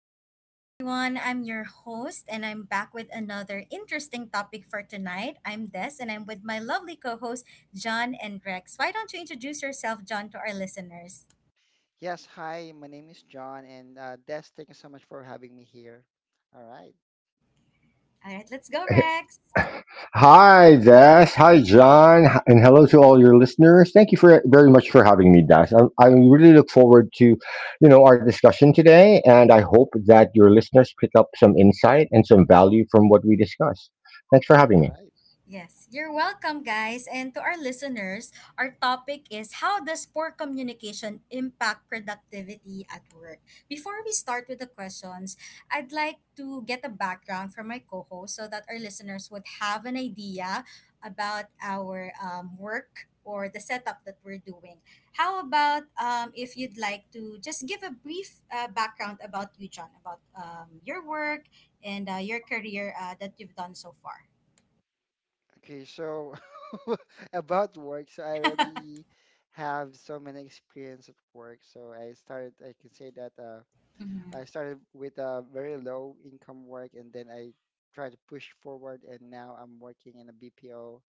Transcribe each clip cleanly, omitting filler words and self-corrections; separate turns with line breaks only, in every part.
good evening, everyone. I'm your host, and I'm back with another interesting topic for tonight. I'm Des, and I'm with my lovely co hosts, John and Rex. Why don't you introduce yourself, John, to our listeners?
Yes, hi, my name is John, and Des, thank you so much for having me here. All right,
All right, let's go, Rex.
Hi, Dash. Hi, John. And hello to all your listeners. Thank you for very much for having me, Dash. I really look forward to, our discussion today, and I hope that your listeners pick up some insight and some value from what we discuss. Thanks for
all
having me.
right.
Yes, you're welcome, guys. And to our listeners, our topic is how does poor communication impact productivity at work? Before we start with the questions, I'd like to get a background from my co host so that our listeners would have an idea about our work or the setup that we're doing. How about if you'd like to just give a brief background about you, John, about your work and your career that you've done so far?
Okay, so about work, so I already have so many experience at work. So I started, I can say that I
Mhm.
started with a very low income work, and then I tried to push forward, and now I'm working in a BPO.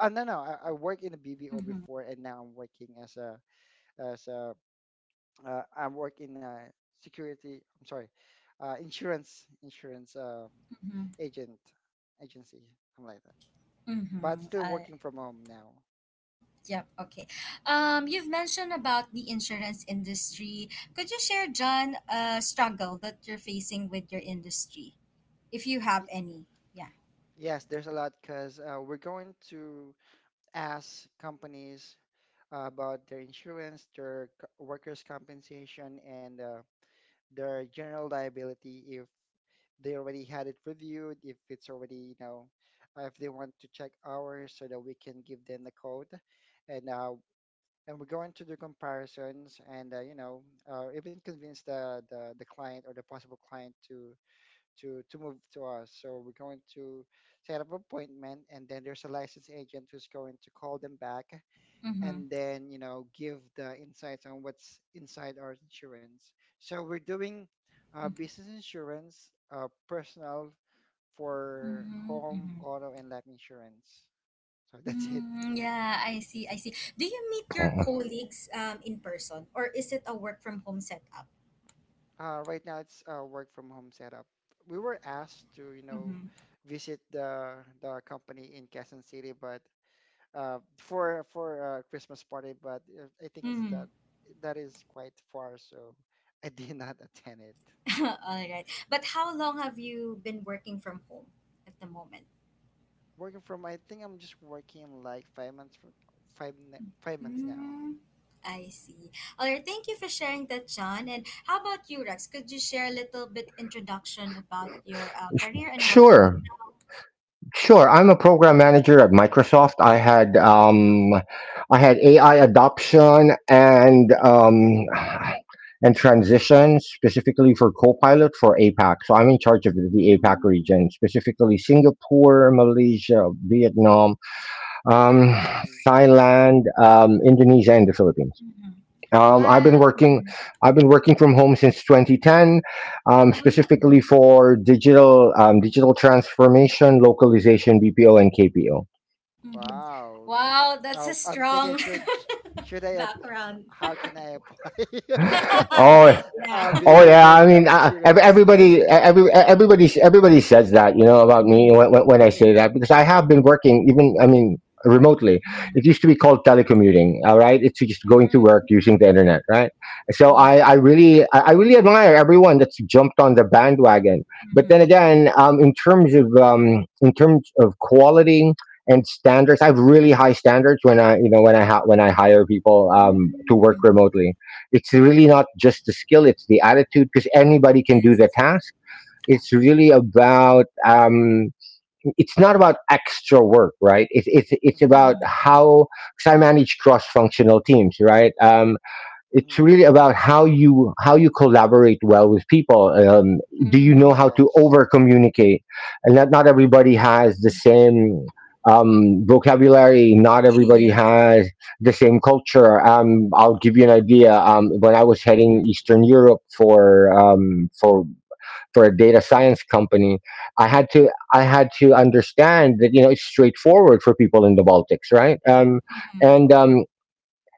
Oh, no, no, I worked in a BPO
Mm-hmm.
before, and now I'm working as a as a I work in a security. I'm sorry, insurance
Mm-hmm.
agent agency, something like that. But
Mm-hmm.
still working from home now.
Yep. Okay. You've mentioned about the insurance industry. Could you share, John, a struggle that you're facing with your industry, if you have
Y-
any? Yeah.
yes, there's a lot because we're going to ask companies about their insurance, their workers' compensation, and their general liability, if they already had it reviewed, if it's already, you know, if they want to check ours so that we can give them the code and uh, and we're going to do comparisons and you know, even convince the client or the possible client to to move to us. So we're going to set up appointment, and then there's a licensed agent who's going to call them back
Mm-hmm.
and then, you know, give the insights on what's inside our insurance. So we're doing business insurance, personal, for
Mm-hmm.
home,
Mm-hmm.
auto, and life insurance. So that's it.
Mm, yeah, I see. I see. Do you meet your colleagues in person, or is it a work from home setup?
Right now it's a work from home setup. We were asked to, you know,
Mm-hmm.
visit the company in Quezon City, but for a Christmas party, but I think it's that
Mm.
that is quite far, so I did not attend it.
All right. But how long have you been working from home at the moment?
Working from, I think I'm just working like 5 months 5 months now.
Hmm, I see. All right, thank you for sharing that, John. And how about you, Rex? Could you share a little bit introduction about your
Uh, sh-
career and what you do
Sure,
now?
sure. I'm a program manager at Microsoft.
Mm-hmm.
I had AI adoption and transition specifically for Copilot for APAC. So I'm in charge of the APAC
Mm-hmm.
region, specifically Singapore, Malaysia, Vietnam, um,
Ooh.
Thailand, Indonesia, and the Philippines.
Mm-hmm.
Um, I've been
Wow.
working,
Mm-hmm.
I've been working from home since 2010,
Oh. Mm-hmm.
specifically for digital digital transformation, localization, BPO, and KPO.
Mm-hmm.
Wow.
Wow, that's a
I'm thinking
strong
should
background.
how can I apply?
Oh,
I'll
yeah.
be
Oh yeah,
leaving
I
the
mean, ev-
insurance.
everybody, e-, every e-, everybody, everybody says that you know about me
Mm-hmm.
when I say that because I have been working even, I mean, remotely.
Mm-hmm.
It used to be called telecommuting. All right, it's just going to work
Mm-hmm.
using the
Mm-hmm.
internet, right? So I,
Yeah.
I really, I I really admire everyone that's jumped on the bandwagon. But then
Mm-hmm.
again, in terms of quality and standards, I have really high standards when I, you know, when I ha- when I hire people to
Mm-hmm.
work
Mm-hmm.
Mm-hmm.
remotely. It's really not just the skill; it's the attitude because anybody can do the
Yes.
task.
Yeah.
It's really about it's not about extra work, right? It's
Mm-hmm.
about
Mm-hmm.
how, because I manage cross functional teams, right?
Mm-hmm.
It's really about how you
Mm-hmm.
collaborate well with people. Do you
Mm-hmm.
know how to
Yes.
over communicate, and that not everybody has the
Mm-hmm.
same vocabulary, not everybody
yes.
has the same culture. I'll give you
Mm-hmm.
an idea. When I was heading
Mm-hmm.
eastern Europe for for a data science company, i had to I had to understand that, you know, it's straightforward for people in the Baltics, right?
Mm-hmm.
And
Mm-hmm.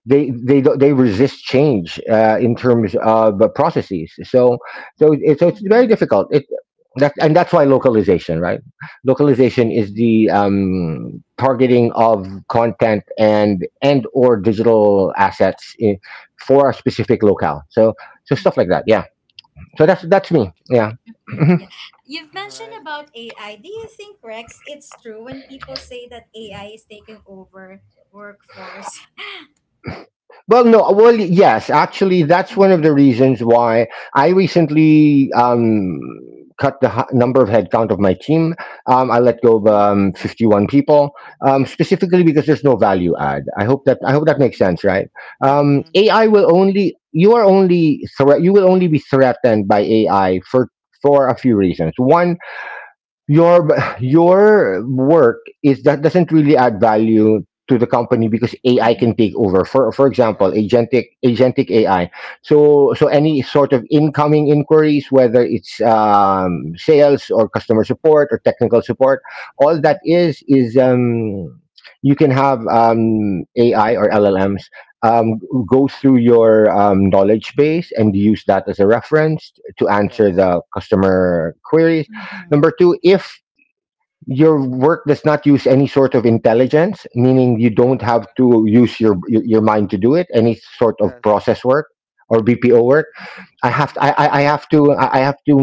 They they resist change in terms
Oh.
of the processes. So it's very
Mm-hmm.
difficult. It that and that's why localization, right? Localization is
Mm-hmm.
Mm-hmm.
the targeting of content and or digital assets for a specific locale. So
Mm-hmm.
stuff like that. Yeah. So
Yeah.
that's that's me.
Okay.
Yeah.
Mm-hmm. Yeah. You've
All
mentioned
right.
about AI. Do you think, Rex, it's true when people say that AI is taking over workforce?
Well, no. Well, yes. Actually, that's one of the
Mm-hmm.
reasons why I recently cut the number of headcount of my team. I let go of
Mm-hmm.
Mm-hmm.
51 people, specifically because there's no value add. I hope that makes sense,
Mm-hmm.
right?
Yeah.
Mm-hmm.
Um, AI will only you are only threat. You will only be threatened by AI for a few reasons. One, your your work is that doesn't really add value to the company because AI can
Mm-hmm.
take over. For example,
Yes.
agentic AI. So any sort of incoming inquiries, whether it's
Mm-hmm.
sales or customer support or technical support, all that is you can have AI or LLMs um, go through your
Mm-hmm.
knowledge
Peter.
base and use that as a reference to answer
Yes.
the customer queries.
Mm-hmm. Mm-hmm.
Number two,
Mm-hmm.
if your work does not use any sort of intelligence, meaning you don't
Mm-hmm.
have
Mm-hmm.
to use your mind to do it, any sort of
Yes.
process work or BPO work,
Yeah.
I have to,
Mm-hmm.
I have to I have to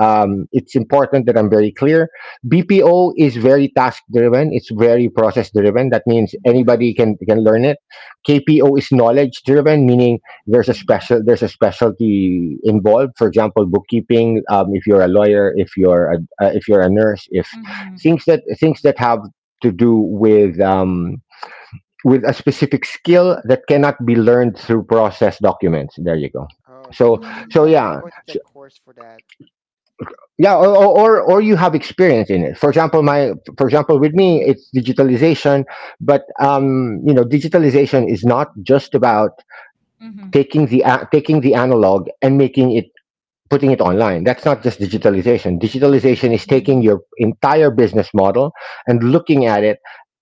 it's important that I'm very clear. BPO is very task driven. It's very process driven. That means
Mm-hmm.
anybody
Yes.
can learn it. KPO is knowledge driven, meaning
Mm-hmm.
there's a specialty involved. For example, bookkeeping. If you're a lawyer, if you're a nurse, if
Mm-hmm.
things that
Mm-hmm.
have to do with a specific skill that cannot be learned through process documents. There you go.
Oh, okay.
So
So it's
so
like you're
yeah
Mm-hmm.
going to
so,
take course for that.
yeah, or or you have experience in it. For example, with me
Mm-hmm.
it's digitalization, but you know digitalization is not just about
Mm-hmm.
taking the analog and making it putting it online. That's not just digitalization. Digitalization is taking
Mm-hmm.
Mm-hmm.
your entire business model and looking at it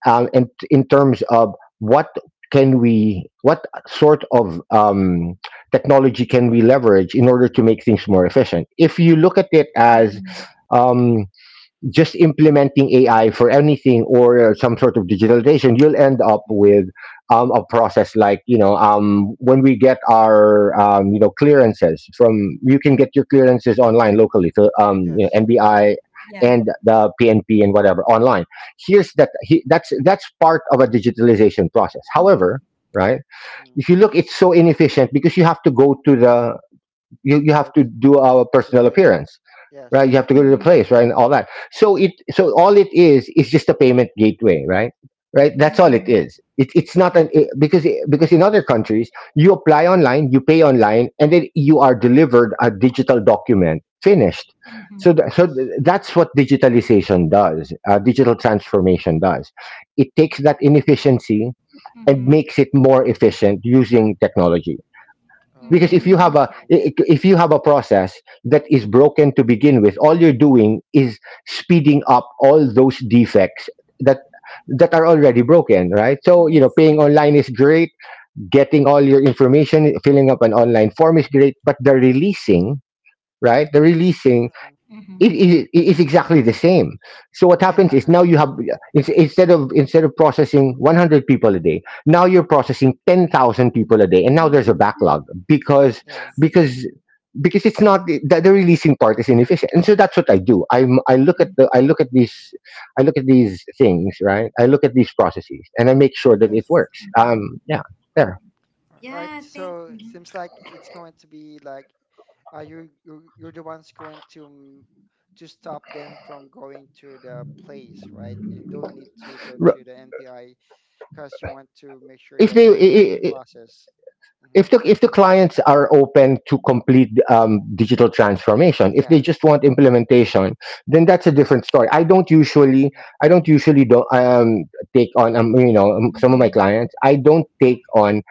in terms of what sort of technology can we leverage in order to make things more efficient. If you look at it as,
Mm-hmm.
um, just implementing AI for anything or some sort of digitalization, you'll end up
Mm-hmm.
with a process like when we get our clearances from, you can get your clearances online locally, so
Yes.
NBI
Yeah.
and the PNP and whatever online. Here's that he, that's part of a digitalization process.
Mm-hmm.
However, right?
Mm-hmm.
If you look, it's so inefficient because you, you have to
Webs
do a
to the
personal
place.
appearance, right? You
Yes.
have to go to the
Mm-hmm.
place, right, and all that. So so all it is just a payment gateway, right? Right. That's
Mm-hmm.
all it
Mm-hmm.
is. It, it's not
Yeah.
an it, because in other countries you apply online, you pay online, and then you are delivered a digital document finished.
Mm-hmm.
So
Yes.
that's what digitalization does. Digital transformation does. It takes that inefficiency and
Mm-hmm.
makes it more efficient using technology, because if you
Oh,
have
Mm-hmm.
a
Yeah.
okay.
I- if you have a process that is broken to begin with, all you're doing is speeding up all those defects that that are already broken, right? So, you know,
Yes.
paying
Mm-hmm.
online is great, getting all your information, filling up an online form is great, but the releasing, right, the releasing
Hmm.
Mm-hmm.
it is exactly the same. So what
Yeah.
happens is now you
Yep.
have instead of processing 100 people a day, now you're processing 10,000 people a day, and now there's a
Mm-hmm.
backlog, because
Yeah.
Yes.
because because it's not the releasing part is inefficient. And so that's what I do.
Mm-hmm.
I look at these, things, right. I look at these processes and I make sure that it
Yes.
Yes.
works.
Mm-hmm.
Yeah, there.
All right.
Yeah, I think.
So it
Mm-hmm.
seems like it's going to be like, you're the ones going to to stop them from going to the place, right? You don't need to go
R-
to the NPI because you want to make sure
If
that this will be processed. Hmm.
the if the clients are open to complete digital transformation, if they just
Yes.
want implementation, then that's a different story.
Mhm.
I don't usually do take on some of my
Mm-hmm.
clients. I don't
Yeah.
take on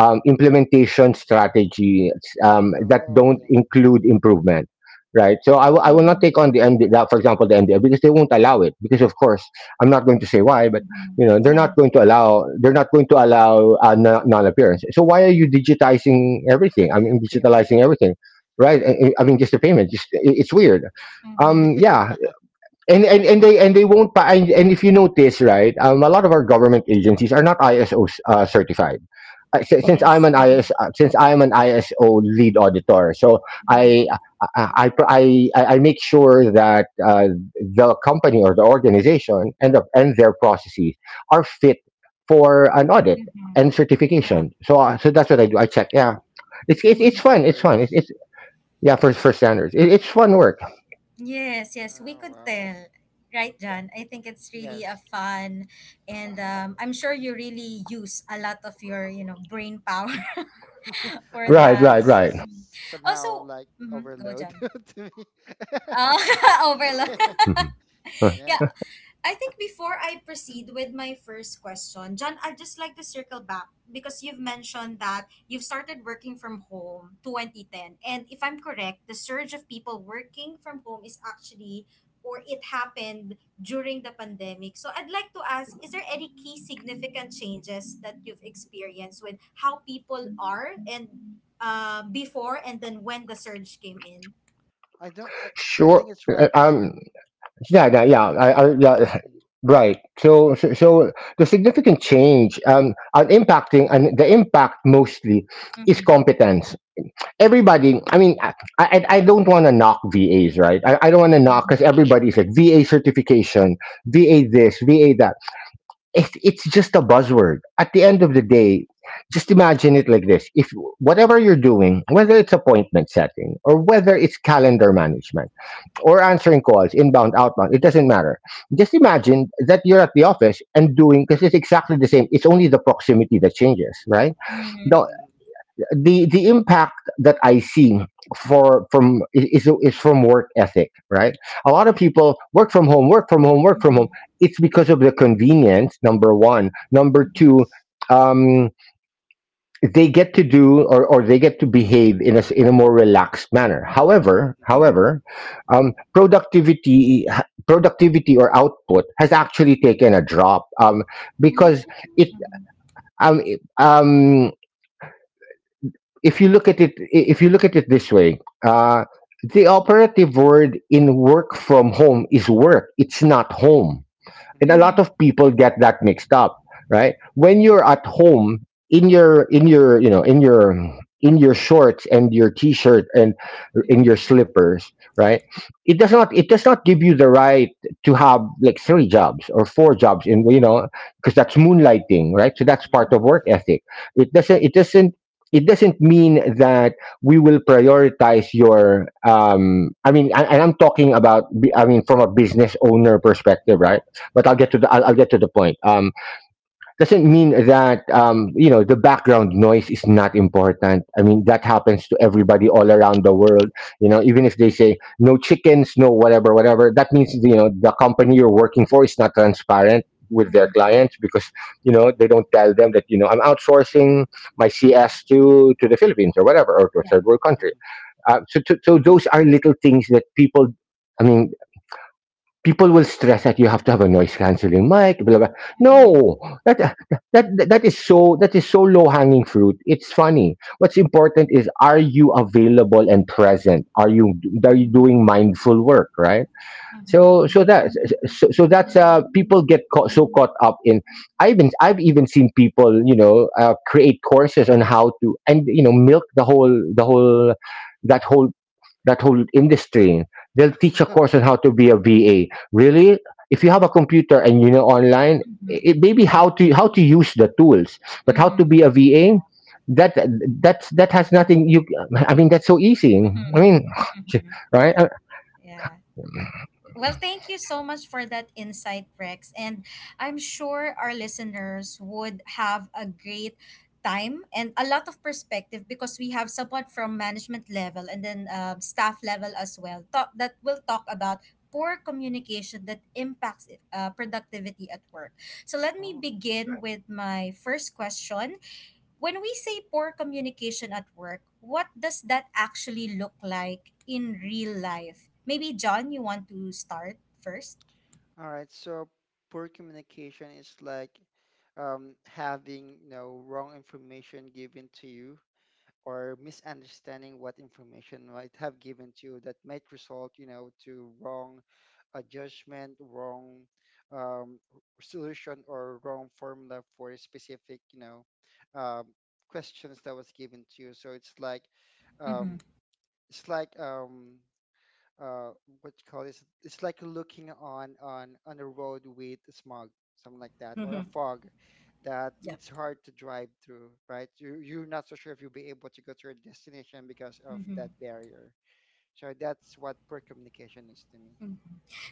implementation strategies that
Oh,
don't
okay.
include improvement, right? So I will not
Mm-hmm.
take on the MD, that, for example the mdl, because they won't allow it, because of course I'm not going to say why, but
Mm-hmm.
you know
Yeah.
they're not going to allow non-appearance. So why are you
Mm-hmm.
digitizing
Mhm.
everything, I mean
Payment,
digitalizing
right?
everything, right? I mean just the payment,
Mhm.
just it's weird.
Mm-hmm.
um yeah. And and they won't buy. And if you notice, right, a lot of our government agencies are not ISO certified.
Yes. Mm-hmm.
Mhm.
Since I'm an ISO lead auditor, so I
Mm-hmm.
I,
Oh,
pr- I make sure that the company or the organization and their processes are fit for an audit
Mm-hmm.
and
Yeah.
certification. So so that's what I
mhm.
do, I check. Yeah,
For
it's
Mm-hmm.
fun it's fun
standards.
it's Yeah,
Hmm.
for standards, it's fun work.
Yes.
Yes, yes, we
Oh,
could
wow.
tell. Right, John. I think it's really a
Yes.
fun, and I'm sure you really use a lot of your, you know, brain power for
I mean,
right
that.
right right
it's
Hmm.
somehow
Also,
like
mhm, go,
overload
John.
to me.
Uh, overload.
Mhm.
Yeah.
Yeah, I think before I proceed with my first question, John, I'd just like to circle back because you've mentioned that you've started working from home 2010. And if I'm correct, the surge of people working from home is actually or it happened during the pandemic. So I'd like to ask, is there any key significant changes that you've experienced with how people are and before and then when the surge came in?
I don't. I
Sure.
think it's Rex.
Yeah.
It's Rex who works.
Yeah.
Hmm.
Right. So the significant change and the impact mostly is
Mm-hmm.
competence. Everybody. I don't want to knock VAs, right? I don't want to knock,
Mm-hmm.
because everybody's like VA certification, VA this, VA that. It's just a buzzword. At the end of the day, just imagine it like this: if whatever you're doing, whether it's appointment setting or whether it's calendar
Mm-hmm.
management or answering calls, inbound, outbound, it doesn't matter. Just imagine that you're at the office and doing, because it's exactly the same. It's only the proximity that changes, right?
Mm-hmm.
The
Hmm.
the impact that I see for from is from work ethic, right? A lot of people work from home, work from home, work from
Mm-hmm.
home. It's because of the convenience. Number one, number
Mm-hmm.
two.
Yes.
Um, they get to do or they get to behave in a, in a more relaxed manner. however
Mm-hmm.
however um, productivity productivity or output has actually taken a drop, because
Mm,
it
mhm,
um, it- um, if you look at it if you look at it this way, uh, the operative word in work from home is work, it's not home, and a
Hmm.
lot
mhm,
of people
yeah,
get that mixed up. Right, when
mhm,
you're at home in your in your shorts and your t-shirt and in
mhm,
your slippers,
yeah,
right, it does not, it does not give you the right to have like three jobs or four jobs in you know because that's
mhm,
moonlighting, right? So that's part of
mhm,
work
Okay.
ethic. It doesn't, it doesn't mean that we will prioritize your, and I'm talking about I mean
mhm,
from a business owner perspective, right?
yeah,
But I'll
mhm,
get
Uh
to the
huh.
I'll get to the point. Doesn't mean that, you know, the background noise is not important. I mean, that happens to everybody all around the
mhm,
world. You know, even if they say no chickens, no whatever, whatever, that means, you know, the company you're working for is not transparent with
mhm,
their
mhm,
clients because, you know,
Hmm.
they don't tell them that, you know, I'm outsourcing my CS to the Philippines or whatever or to a
yeah,
third world country.
Hmm.
So, so those are little things that people. I mean, people will stress that you have to have a noise cancelling mic, blah, blah.
mhm,
Hmm.
No, that, that, that is so, that is so low hanging fruit, it's funny. What's important is, are you
mhm,
available and present, are you, are you doing mindful work, right?
mhm, mhm,
so
Uh
so that
yeah,
so that's people get caught, so caught up in, I've even seen people, you know, create courses on how to, and, you know, milk the whole that whole industry. They'll teach a
huh.
course on how to be a VA. Really, if you have a computer and, you know, online,
mhm,
it, maybe how
yeah,
to, use the tools, but how to
mhm,
be a VA,
yeah,
that that has nothing. You, I mean, that's so easy. I
mhm,
mean,
mhm,
right?
yeah. Well, thank you so much for that insight, Rex. And I'm sure our listeners would have a great time and a lot of perspective because we have someone from management level and then staff level as well that will talk about poor communication that impacts productivity at work. So let me
Oh.
begin with my first question. When we say poor communication at work, what does that actually look like in real life? Maybe John, you want to start 1st.
All right, so poor communication is like, having, you know, wrong information given to you, or misunderstanding what information might have given to you that might result, you know, to wrong judgment, wrong um, solution, or wrong formula for a specific, you know, um, questions that was given to you. So it's like,
Mm-hmm.
um, it's like um, uh what you call this, it's like looking on a road with smog, something like that, or a
Mhm.
fog, that
Yep.
it's hard to drive through, right? you you're not so sure if you'll be able to go to your destination because of
Mm-hmm.
that barrier. So that's what poor communication is to me.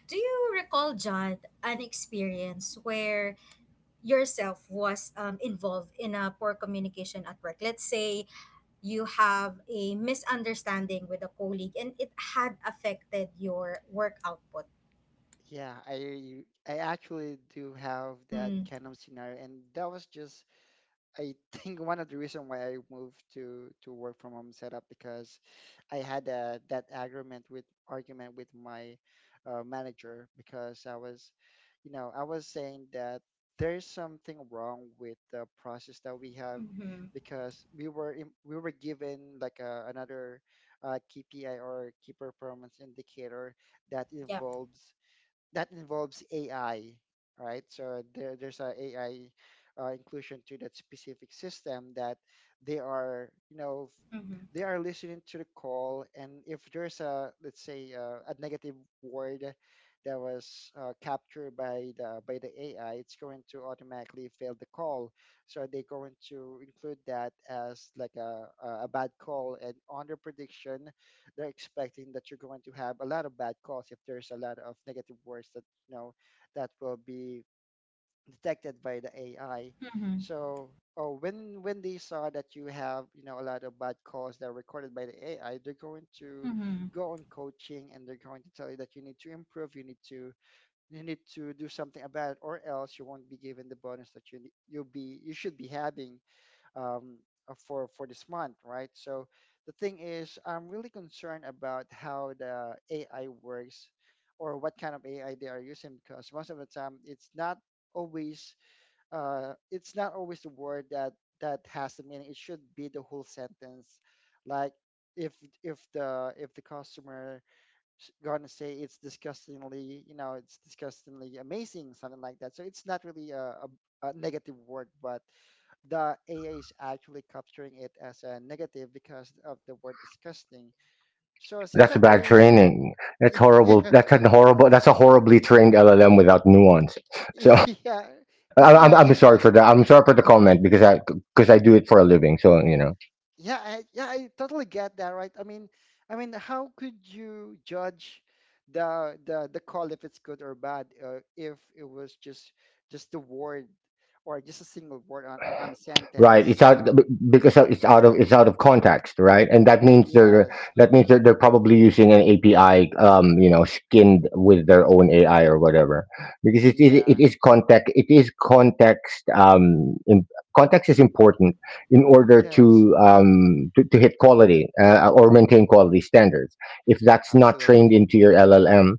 Do you recall, John, an experience where yourself was involved in a poor communication at work? Let's say you have a misunderstanding with a colleague and it had affected your work output.
Yeah, I actually do have that
Mm-hmm.
kind of scenario, and that was just, I think, one of the reason why I moved to work from home setup. Because I had that agreement with argument with my manager, because I was, you know, I was saying that there's something wrong with the process that we have,
Mm-hmm.
because we were given like a, another, KPI, or key performance indicator, that
Yep.
involves AI, right? So there's a AI inclusion to that specific system, that they are, you know,
Mm-hmm.
they are listening to the call, and if there's a, let's say, a negative word that was captured by the AI, it's going to automatically fail the call. So they're going to include that as like a bad call, and on the prediction they're expecting that you're going to have a lot of bad calls if there's a lot of negative words that, you know, that will be detected by the AI.
Mm-hmm.
So, oh, when they saw that you have, you know, a lot of bad calls that are recorded by the AI, they're going to
Mm-hmm.
go on coaching, and they're going to tell you that you need to improve, you need to do something about it, or else you won't be given the bonus that you'll be, you should be having, um, for this month, right? So the thing is, I'm really concerned about how the AI works, or what kind of AI they are using, because most of the time it's not always, it's not always the word that has the meaning. It should be the whole sentence, like. If if the customer gonna say it's disgustingly, you know, it's disgustingly amazing, something like that, so it's not really a negative word, but the AA is actually capturing it as a negative because of the word disgusting. So it seems
That's
like
bad
there's
training. That's horrible.
yeah,
That's a horribly trained LLM without nuance. So,
yeah.
I'm
Imagine
sorry
that.
for that. I'm sorry for the comment because I, because I do it for a living. So, you know.
Yeah, yeah, I totally get that, right? I mean, how could you judge the call if it's good or bad, if it was just the word, or just a single word on on a
Right,
sentence?
because it's out of, it's out of context, right, and that means they're,
Yes,
that means
Mhm.
they're probably using an api, you know, skinned with their own
Mhm.
ai or whatever, because it
yeah,
is context, it is context, context is important in
Mhm.
order
yes,
to, to hit
a-
quality, or maintain quality standards. If that's not trained
absolutely
into your llm,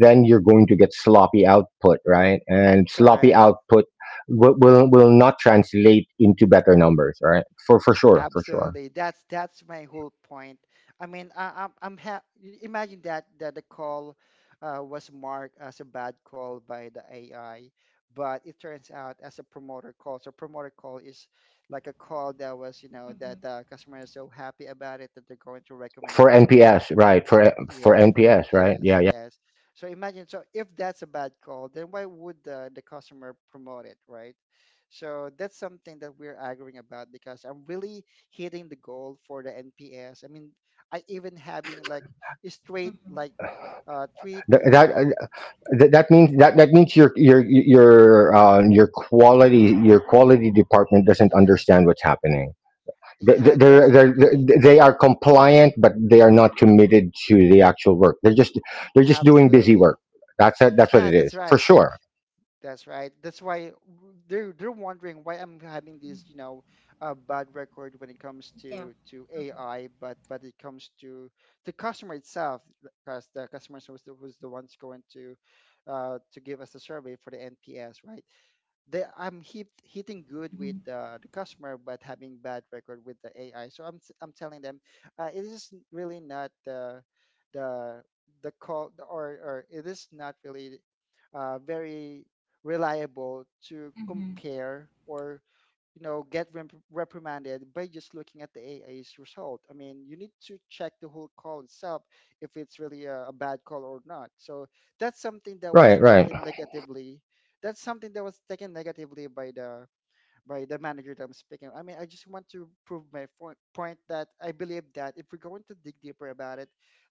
then you're going to get sloppy output, right, and sloppy
correct.
output will not translate into better numbers, right? For sure, for sure.
Absolutely. That's my whole point. I mean, I, I'm ha- imagine that the call was marked as a bad call by the AI, but it turns out as a promoter call. So promoter call is like a call that was, you know, that
Mhm.
the customer is so happy about it that they're going to recommend the
For
company.
NPS, right? For
Yes, for
NPS, right? Yeah,
NPS.
yeah.
Yes. So imagine, so if that's a bad call, then why would the customer promote it, right? So that's something that we're arguing about, because I'm really hitting the goal for the NPS. I mean, I even having like a straight
Mhm.
like three
That,
to
that means that, that means your your quality, your quality department doesn't
yeah,
understand what's happening. They
yeah, that's the
they
thing.
they are compliant, but they are not committed to the actual work. They're just, they're just doing busy
Absolutely.
work. That's it. That's what
Yeah,
it
that's
is, for
right.
sure.
That's right. That's why they're wondering why I'm having this, you know, bad record when it comes
Yeah.
to AI, but it comes to the customer itself, because the customer was was the ones going to give us a survey for the NPS, right? They, I'm hitting good with
Mhm.
the customer, but having bad record with the AI. So I'm telling them it is really not the the call or it is not really very reliable to
Mhm.
compare, or, you know, get reprimanded by just looking at the AI's result. I mean, you need to check the whole call itself if it's really a bad call or not. So that's something that was
Right, right.
taken negatively. That's something that was taken negatively by the manager that I'm speaking. I mean, I just want to prove my point that I believe that if we're going to dig deeper about it,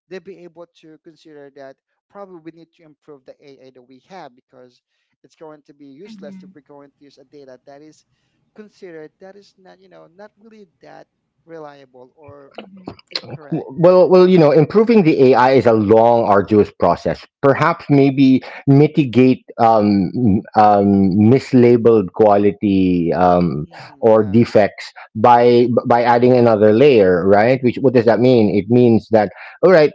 they'll be able to consider that probably we need to improve the AI that we have, because it's going to be useless if
Mhm.
we're going to use a data that is considered, that is not, you know, not really that reliable, or
Mhm.
incorrect.
Well, well, you know, improving the ai is a long arduous process. Perhaps maybe mitigate, mislabeled quality,
Mm,
or
yeah.
defects by adding another layer, right. Which, what does that mean? It means that, all right,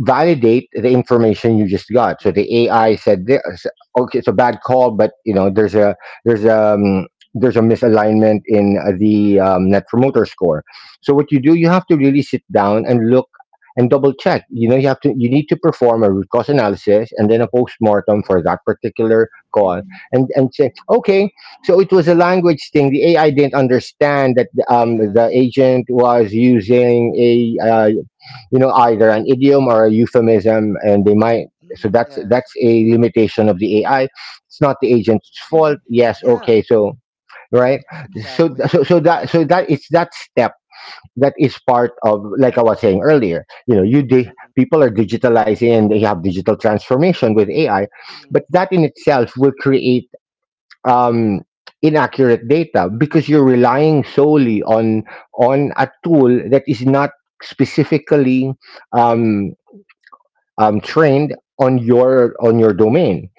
validate the information you just got. So the
Hmm.
ai said this, okay, it's a bad call, but you know, there's a, there's a um, there's a misalignment in, the net promoter score. So what you do, you
Hmm.
have to really sit down and look and double check. You know, you have to, you need to perform a root cause analysis and then a postmortem for
Yes.
that particular call,
Mhm.
and say, okay, so it was a language thing. The AI didn't understand that, the
Yes.
agent was using a, you know, either an idiom or a euphemism, and they might. So
Hmm.
that's
Yes.
that's a limitation of the AI. It's not the agent's fault.
Mhm.
Yes,
Yeah.
okay, so right.
Yeah.
Exactly.
So that, it's that step that is part of, like I was saying earlier, you know, people are digitalizing and they have digital transformation with ai, but
Mm-hmm.
that in itself will create, um inaccurate data, because you're
Yes.
relying solely on a tool that is not specifically, um trained on your, on your domain,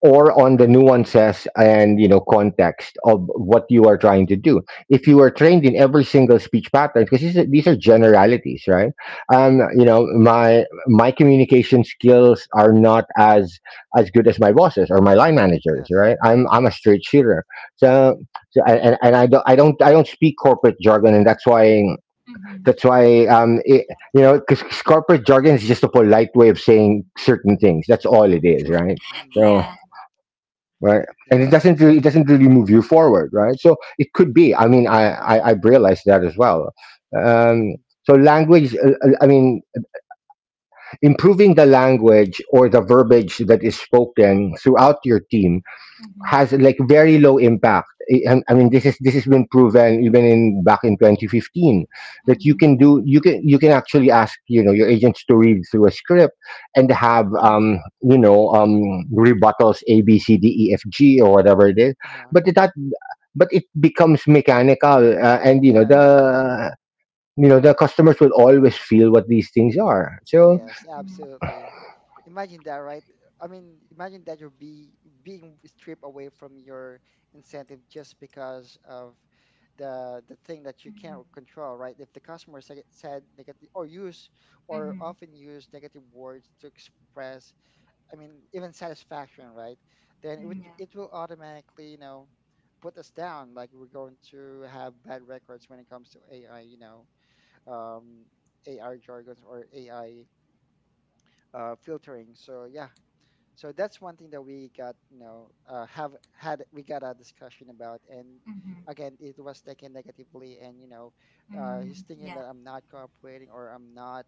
or
Yes.
on the nuances and, you know, context of what you are trying to do. If you are trained
Hmm.
in every single speech pattern, because these are generalities, right?
Hmm.
You know, my communication skills are not as as good as my bosses or my line managers,
Yes.
right? I'm a straight shooter. So, so I-, and I don't, I don't speak corporate jargon, and that's why,
Mhm.
that's why,
Hmm.
it,
Yeah.
you know, because corporate jargon is just a polite way of saying certain things. That's all it is, right?
Hmm.
So,
Yeah.
right, and
Yeah. Sure.
it doesn't really move you forward, right? So it could be. I mean, I realized that as well. Um, so language, I mean, improving the language or the verbiage that is spoken throughout your team
Mhm.
has like very low impact. Mean, this is, this has been proven even in, back in 2015, that you
Mhm.
can do, you can, you can actually ask, you know, your agents to read through a script and have,
Yeah.
you know, rebuttals ABCDEFG or whatever it is,
Uh-huh.
but it, that but it becomes mechanical, and you know
Mhm.
Yes.
the, you know, the customers will always feel what these things are. So,
Yes,
Mhm.
absolutely. Imagine that, right? I mean, imagine that you're be being stripped away from your incentive just because of the thing that you can't control, right? If the customer said negative, or use,
Mhm.
or
Mhm.
often use negative words to express, I mean, even satisfaction, right? Then
Mm, yeah.
it will automatically, you know, put us down. Like we're going to have bad records when it comes to AI, you know, um, AI jargons, or AI filtering. So yeah, so that's one thing that we got, you know, have had we got a discussion about, and
Mhm.
again, it was taken negatively, and you know, he's
Mhm.
thinking that
Yeah.
I'm not cooperating, or I'm not,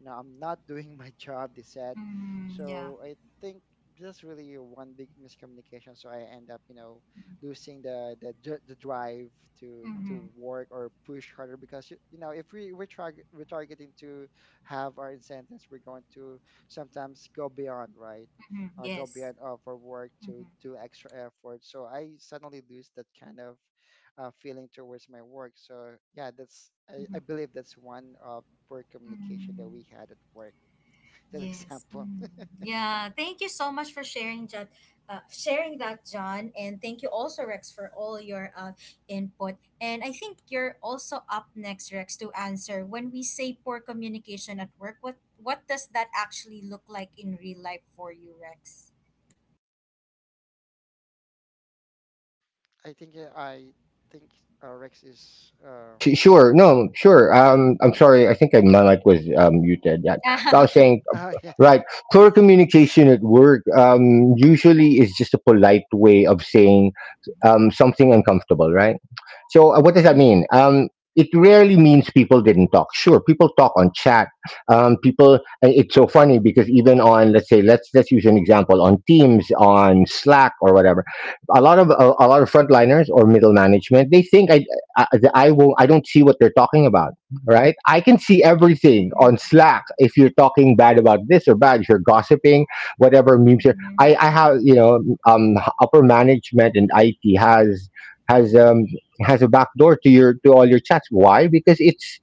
you know, I'm not doing my job, they said.
Mhm. Yeah.
So I think just really one big miscommunication. So I end up, losing the drive to
Mhm.
to work or push harder because you know if we're targeting to have our incentives, we're going to sometimes go beyond, right?
Mhm.
Go
Yes.
beyond of our work to
Mhm.
do extra effort. So I suddenly lose that kind of feeling towards my work. So yeah, that's I
Mhm.
believe that's one of poor communication that
Mhm.
we had at work. That
Yes.
example.
Mm. Yeah. Thank you so much for sharing that, John, and thank you also, Rex, for all your input. And I think you're also up next, Rex, to answer when we say poor communication at work. What does that actually look like in real life for you, Rex?
I think Rex is
Su sure. No, sure.
mm,
Yeah.
I'm
Yeah.
sorry. I think I, my mic was, muted. Yeah. So
Ah.
I was
Okay.
saying,
oh yeah
right. Poor communication at work, usually is just a polite way of saying, something uncomfortable, right? So, what does
Mm,
that
Mm-hmm.
mean? It rarely means people didn't talk. Sure, people talk on chat. People, and it's so funny because even on, let's say, let's use an example on Teams, on Slack, or whatever. A lot of frontliners or middle management, they think I, I won't, I don't see what they're talking about, right? I can see everything
Mm-hmm.
on Slack. If you're talking bad about this or bad, if you're gossiping, whatever memes you're,
Mm-hmm.
I have, you know, um, upper management and IT has, has um has a backdoor to your, to all your chats. Why? Because it's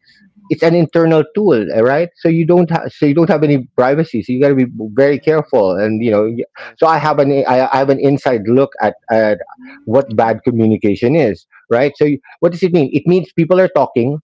it's an internal tool, right? So you don't ha- so you don't have any privacy. So you got to be very
mhm,
careful, and you know. So I
yes.
have an, I have an inside look at what
Mm-hmm.
bad communication is, right? So you, what does it mean? It means people are talking,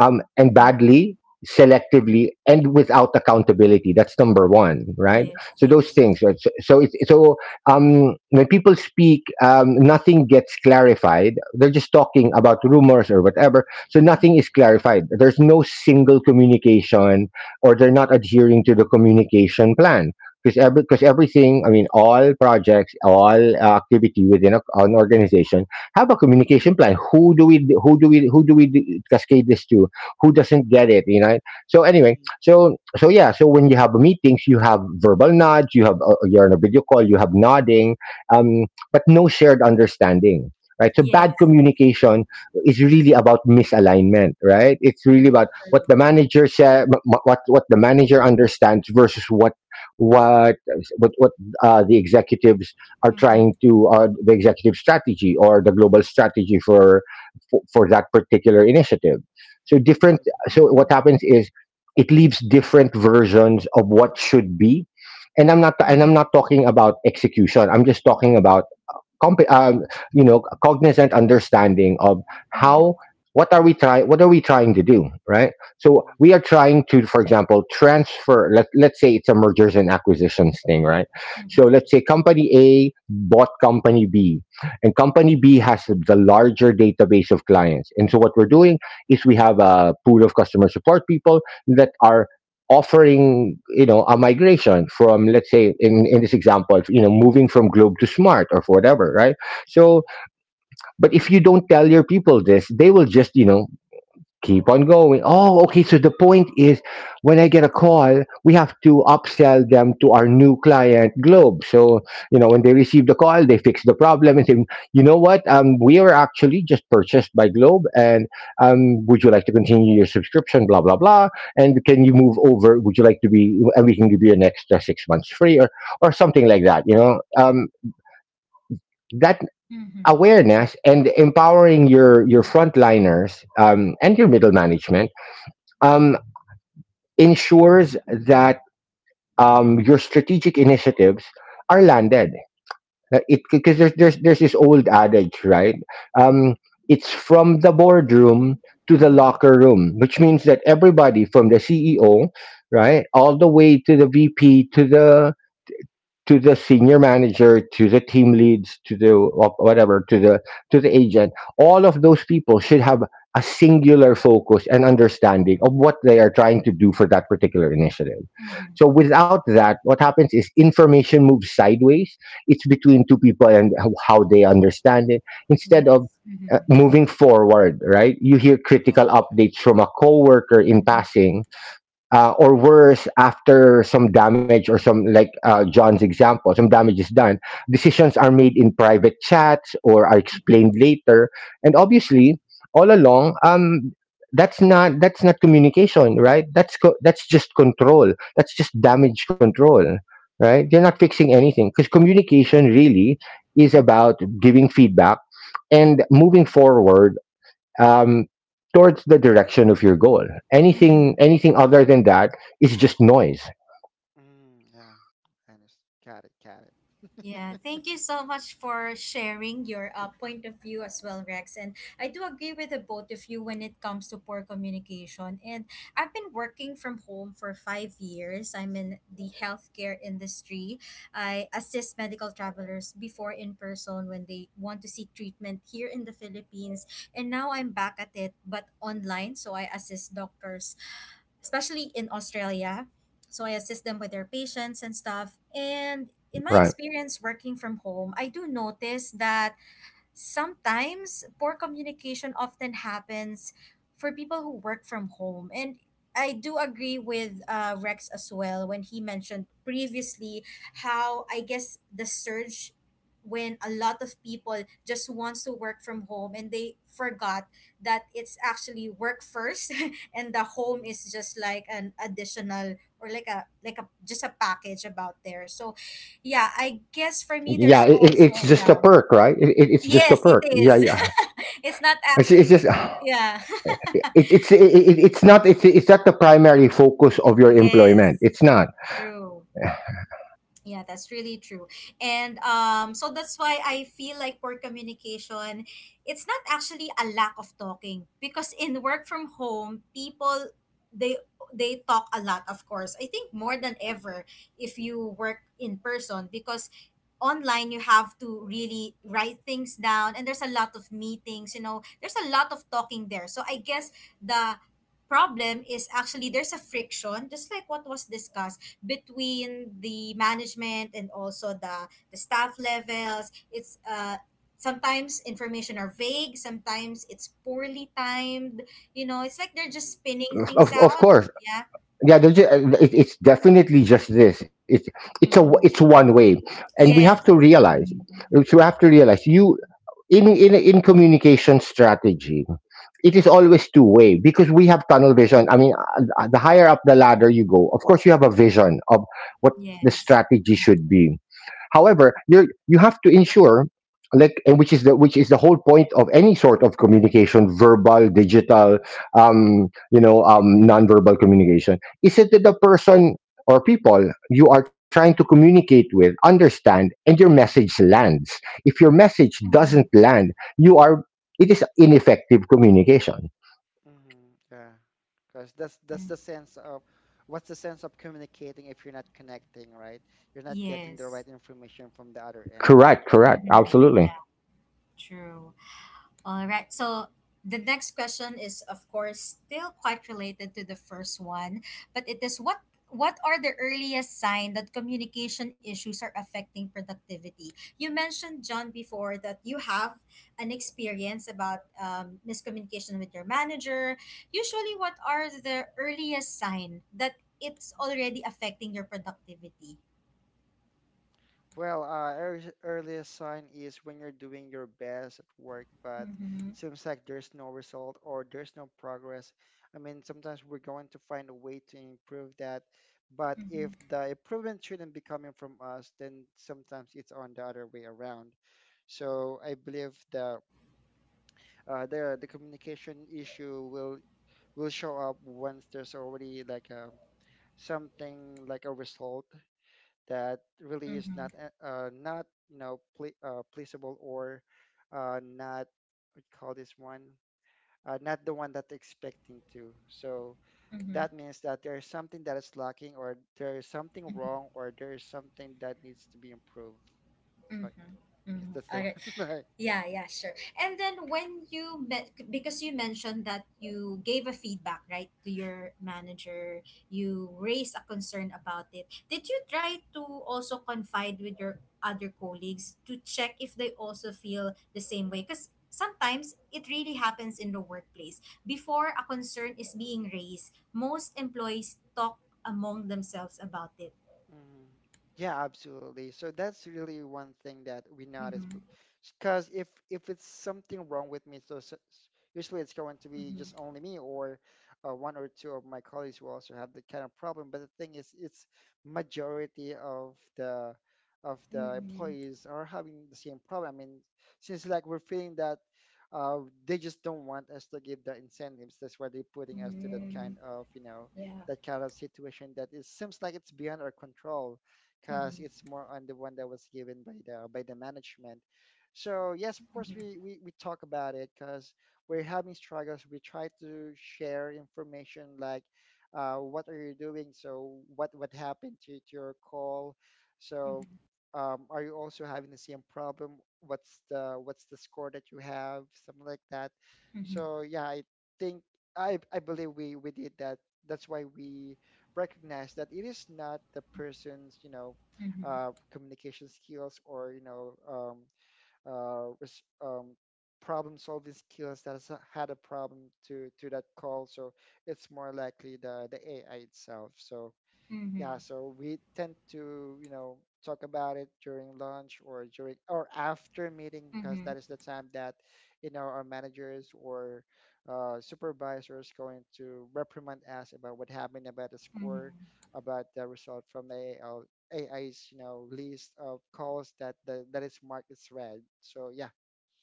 and
Mm-hmm.
badly, selectively, and without accountability. That's number one, right?
Yes.
So those
Yes.
things. Right?
Mhm,
So, so it's so, when people speak, nothing gets clarified. They're just talking about rumors or whatever. So nothing
Mm-hmm.
is clarified. There's no single communication, or they're not adhering to the communication plan. Because every, cause everything, I
mhm,
Mm-hmm.
mean, all projects, all activity within an organization have a communication plan. Who do we, who do we cascade this to? Who doesn't get it, you know? So anyway,
mhm,
yeah, so when you have meetings, you have verbal nods, you have, you're on a video call, you have nodding, um but no shared understanding, right? So bad
Yes. Yes.
communication is really about misalignment, right? It's really
Mm-hmm.
about
yes.
True.
what the manager said, what the manager understands versus what what, the executives are
Mm-hmm.
trying to, the executive strategy or the global strategy for, for that particular initiative, so different.
Mhm,
So
Mm-hmm.
what happens is, it leaves different versions of what should be, and I'm not, and I'm not
Mm-hmm.
talking about execution. I'm just talking about, comp- um, you know, cognizant understanding of how,
Mm-hmm.
what are we trying, what are we trying to do, right? So
mhm,
we are trying to, for example, transfer, let's say it's a mergers and acquisitions thing, right?
Mm-hmm.
So let's say company a bought company b, and company b has the larger database of clients, and so what we're doing is, we have a pool of customer support people that are offering, you know, a migration from, let's say, in this example, you know,
Mm-hmm.
moving from Globe to Smart or whatever, right?
uh-huh.
So, but if you don't tell your people this, they will just, you know, keep on going. Oh, okay. So the point is, when I get a call, we have to upsell them to our new client, Globe. So, you know, when they
Mhm,
receive the call, they fix the problem and say, you know what, we were actually just purchased by Globe, and would you like to continue your subscription? Blah blah blah. And can you move over? Would you like to be? And we can give you an extra 6 months free, or something like that. That
Mm-hmm. Yeah.
awareness and empowering your frontliners and your middle management um ensures that your strategic initiatives are landed. Like It Because there's this old adage, right? Um, it's from the boardroom to the
Mm-hmm.
locker room, which means that everybody from the CEO, right, all the way to the VP to the senior manager to the team leads to the whatever to the agent, all of those people should have a singular focus and
mhm,
understanding of
mhm,
what they are trying to do for that particular initiative.
Mm-hmm.
So without that, what happens is information moves sideways. It's between two people and how they understand it, instead of
Yes. Mm-hmm.
moving forward, right? You hear critical
oh, okay.
updates from a coworker in
Mm-hmm.
passing, or worse, after some damage or some like John's example, some damage is done.
Mhm,
Decisions are made in private chats or are explained
Mm-hmm.
later, and obviously all along, that's not communication, right? That's just control, that's just damage control, right? They are
mhm,
not fixing anything because communication really is
Mm-hmm.
about giving feedback and moving forward, um, towards the direction of your goal.
Mm-hmm.
Anything other than that is just noise.
mhm, yeah, and it's got it got
Yeah,
it.
thank you so much for sharing your point of view as well, Rex. And I do agree with the both of you when it comes to poor communication. And I've been working from home for 5 years. I'm in the healthcare industry. I assist medical travelers before in person when they want to seek treatment here in the Philippines. And now I'm back at it, but online. So I assist doctors especially in Australia. So I assist them with their patients and stuff. And in my
Right.
experience working from home, I do notice that sometimes poor communication often happens for people who work from home. And I do agree with
Mhm,
Rex as well when he mentioned previously how I guess the surge when a lot of people just wants to work from home and they forgot that it's actually work first and the home
mhm,
is just like an additional or like a just a package about there, so yeah, I guess for me
Yeah,
there's
it's
also
just a
yeah.
perk, right? It's just a
Yes, it
perk. Yeah,
is.
yeah.
It's not
It's,
mhm,
it's
actually.
just
Yeah.
it's not, it's not the primary focus of your employment.
Yes.
It's not.
True. Yeah, that's really true. And so that's why I feel like poor communication, it's not actually a lack of talking because in work from home, people they they talk a lot, of course. I think more than
mhm.
ever if you work in person because online you have to really write things down and there's a lot of meetings, you know. There's a lot of talking there. So I guess the problem is actually there's a friction just like what was discussed between the management and also the staff levels. It's sometimes information are vague, sometimes it's poorly timed. You know, it's like they're just
Mm-hmm.
spinning things
Of
out,
course,
yeah.
yeah. It, it's definitely just this. It's a, it's
Mm-hmm.
one way, and we have to
Yes, one week.
realize. So we have to realize, you in communication strategy, it is always two-way because we have tunnel vision. I mean, the higher up the ladder you go, of course, you have a vision of what the
Yes,
strategy should
mm-hmm.
be. However, you have to ensure, like and which is the whole point of any sort of communication, verbal, digital,
Mm-hmm.
nonverbal communication, is it that the person or people you are trying to communicate with understand and your message lands. If your message
Mm-hmm.
doesn't land, you are, it is ineffective communication.
Mm-hmm. Yeah. Because that's
Mm-hmm.
the sense of what's the sense of communicating if you're not connecting, right? You're not getting the
Yes,
right information from the other end.
Correct, correct,
mm-hmm.
absolutely.
Yeah, true. All right. So the next question is, of course, still quite related to the first one, but it is what are the earliest sign that communication issues are affecting productivity? You mentioned John before that you have an experience about miscommunication with your manager. Usually, what are the earliest sign that it's already affecting your productivity?
Well, earliest sign is when you're doing your best at work, but
Mm-hmm.
seems like there's no result or there's no progress. I mean, sometimes we're going to find a way to improve that, but if
Mm-hmm.
the improvement shouldn't be coming from us, then sometimes it's on the other way around. So I believe the communication issue will show up once there's already like a something like a result that really is
Mm-hmm.
not not pleasable or not what you call this one, not the one that they're expecting to. So
Mm-hmm.
that means that there is something that is lacking, or there is something
Mm-hmm.
wrong, or there is something that needs to be improved. So I guess that's the
Mm-hmm.
one.
Yeah, yeah, sure. And then when you met, because you mentioned that you gave a feedback, right, to your manager, you raised a concern about it. Did you try to also confide with your other colleagues to check if they also feel the same way? Because sometimes it really happens in the workplace. Before a concern is being raised, most employees talk among themselves about it.
Mhm. Yeah, absolutely. So that's really one thing that we notice,
Mm-hmm,
because if it's something wrong with me, usually it's going to be
mm-hmm,
just only me or one or two of my colleagues who also have that kind of problem. But the thing is, it's majority of the
mm-hmm,
employees are having the same problem. I mean, since like we're feeling that uh, they just don't want us to give the incentives, that's why they're putting us to that
mm-hmm,
kind of, you know,
yeah.
that kind of situation that it seems like it's beyond our control because
Mm-hmm,
it's more on the one that was given by the management. So yes, of course
mm-hmm,
we talk about it because we're having struggles. We try to share information like, what are you doing? So what happened to your call? So
mm-hmm.
are you also having the same problem? What's the score that you have? Something like that.
Mhm,
So yeah, think I believe we did that, that's why we recognize that it is not the person's, you know,
mhm,
communication skills or, you know, uh, res- um, problem solving skills that has had a problem to that call. So it's more likely the AI itself. So yeah,
mhm,
so we tend to, you know, talk about it during lunch or during or after meeting because
mhm,
that is the time that, you know, our managers or supervisors going to reprimand us about what happened about the
mhm,
score, about the result from the AI's, you know, list of calls that is marked as red. So yeah,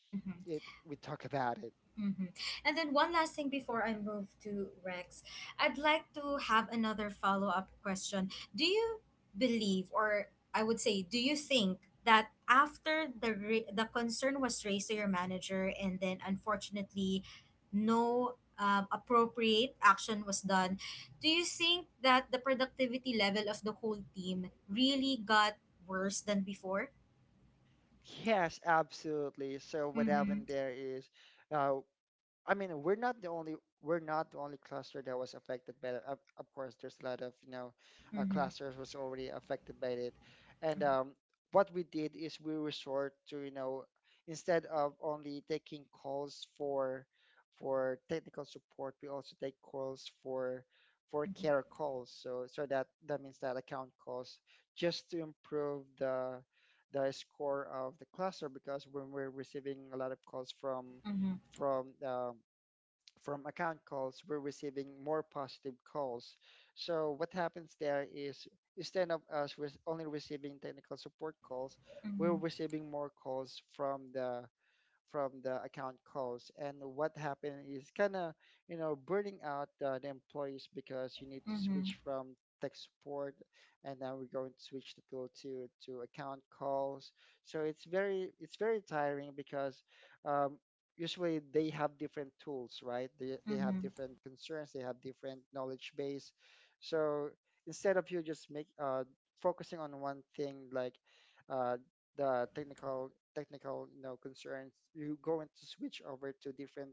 mhm,
it we talk about it.
mhm. And then one last thing before I move to Rex, I'd like to have another follow up question. Do you believe, or I would say, do you think that after the concern was raised to your manager, and then unfortunately, no appropriate action was done, do you think that the productivity level of the whole team really got worse than before?
Yes, absolutely. So what happened there is, uh, I mean, we're not the only cluster that was affected by it. Of course, there's a lot of, you know,
Mhm,
clusters was already affected by it, and what we did is we resort to, you know, instead of only taking calls for technical support, we also take calls for
mhm,
care calls. So so that that means that account calls just to improve the score of the cluster, because when we're receiving a lot of calls
mhm,
from um, from account calls, we're receiving more positive calls. So what happens there is instead of only receiving technical support calls, we're
mhm,
receiving more calls from the account close. And what happened is kind of, you know, burning out the employees because you need to
mhm,
switch from tech support and now we're going to switch to go to account calls. So it's very tiring because um, usually they have different tools, right? They have
mhm,
different concerns, they have different knowledge base. So instead of you just make, focusing on one thing like uh, the technical, you know, concerns, you're going to switch over to different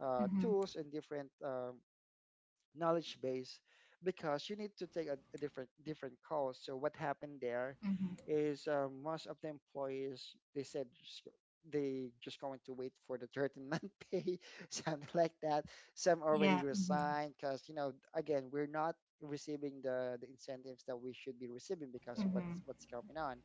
mhm,
tools and different knowledge base because you need to take a different different course. So what happened there
mhm.
is, most of the employees they said just, they just going to wait for the 13th month pay, something like that. Some already
Yeah. Mhm.
resigned because, you know, again, we're not receiving the incentives that we should be receiving because of
Mhm.
what's coming on.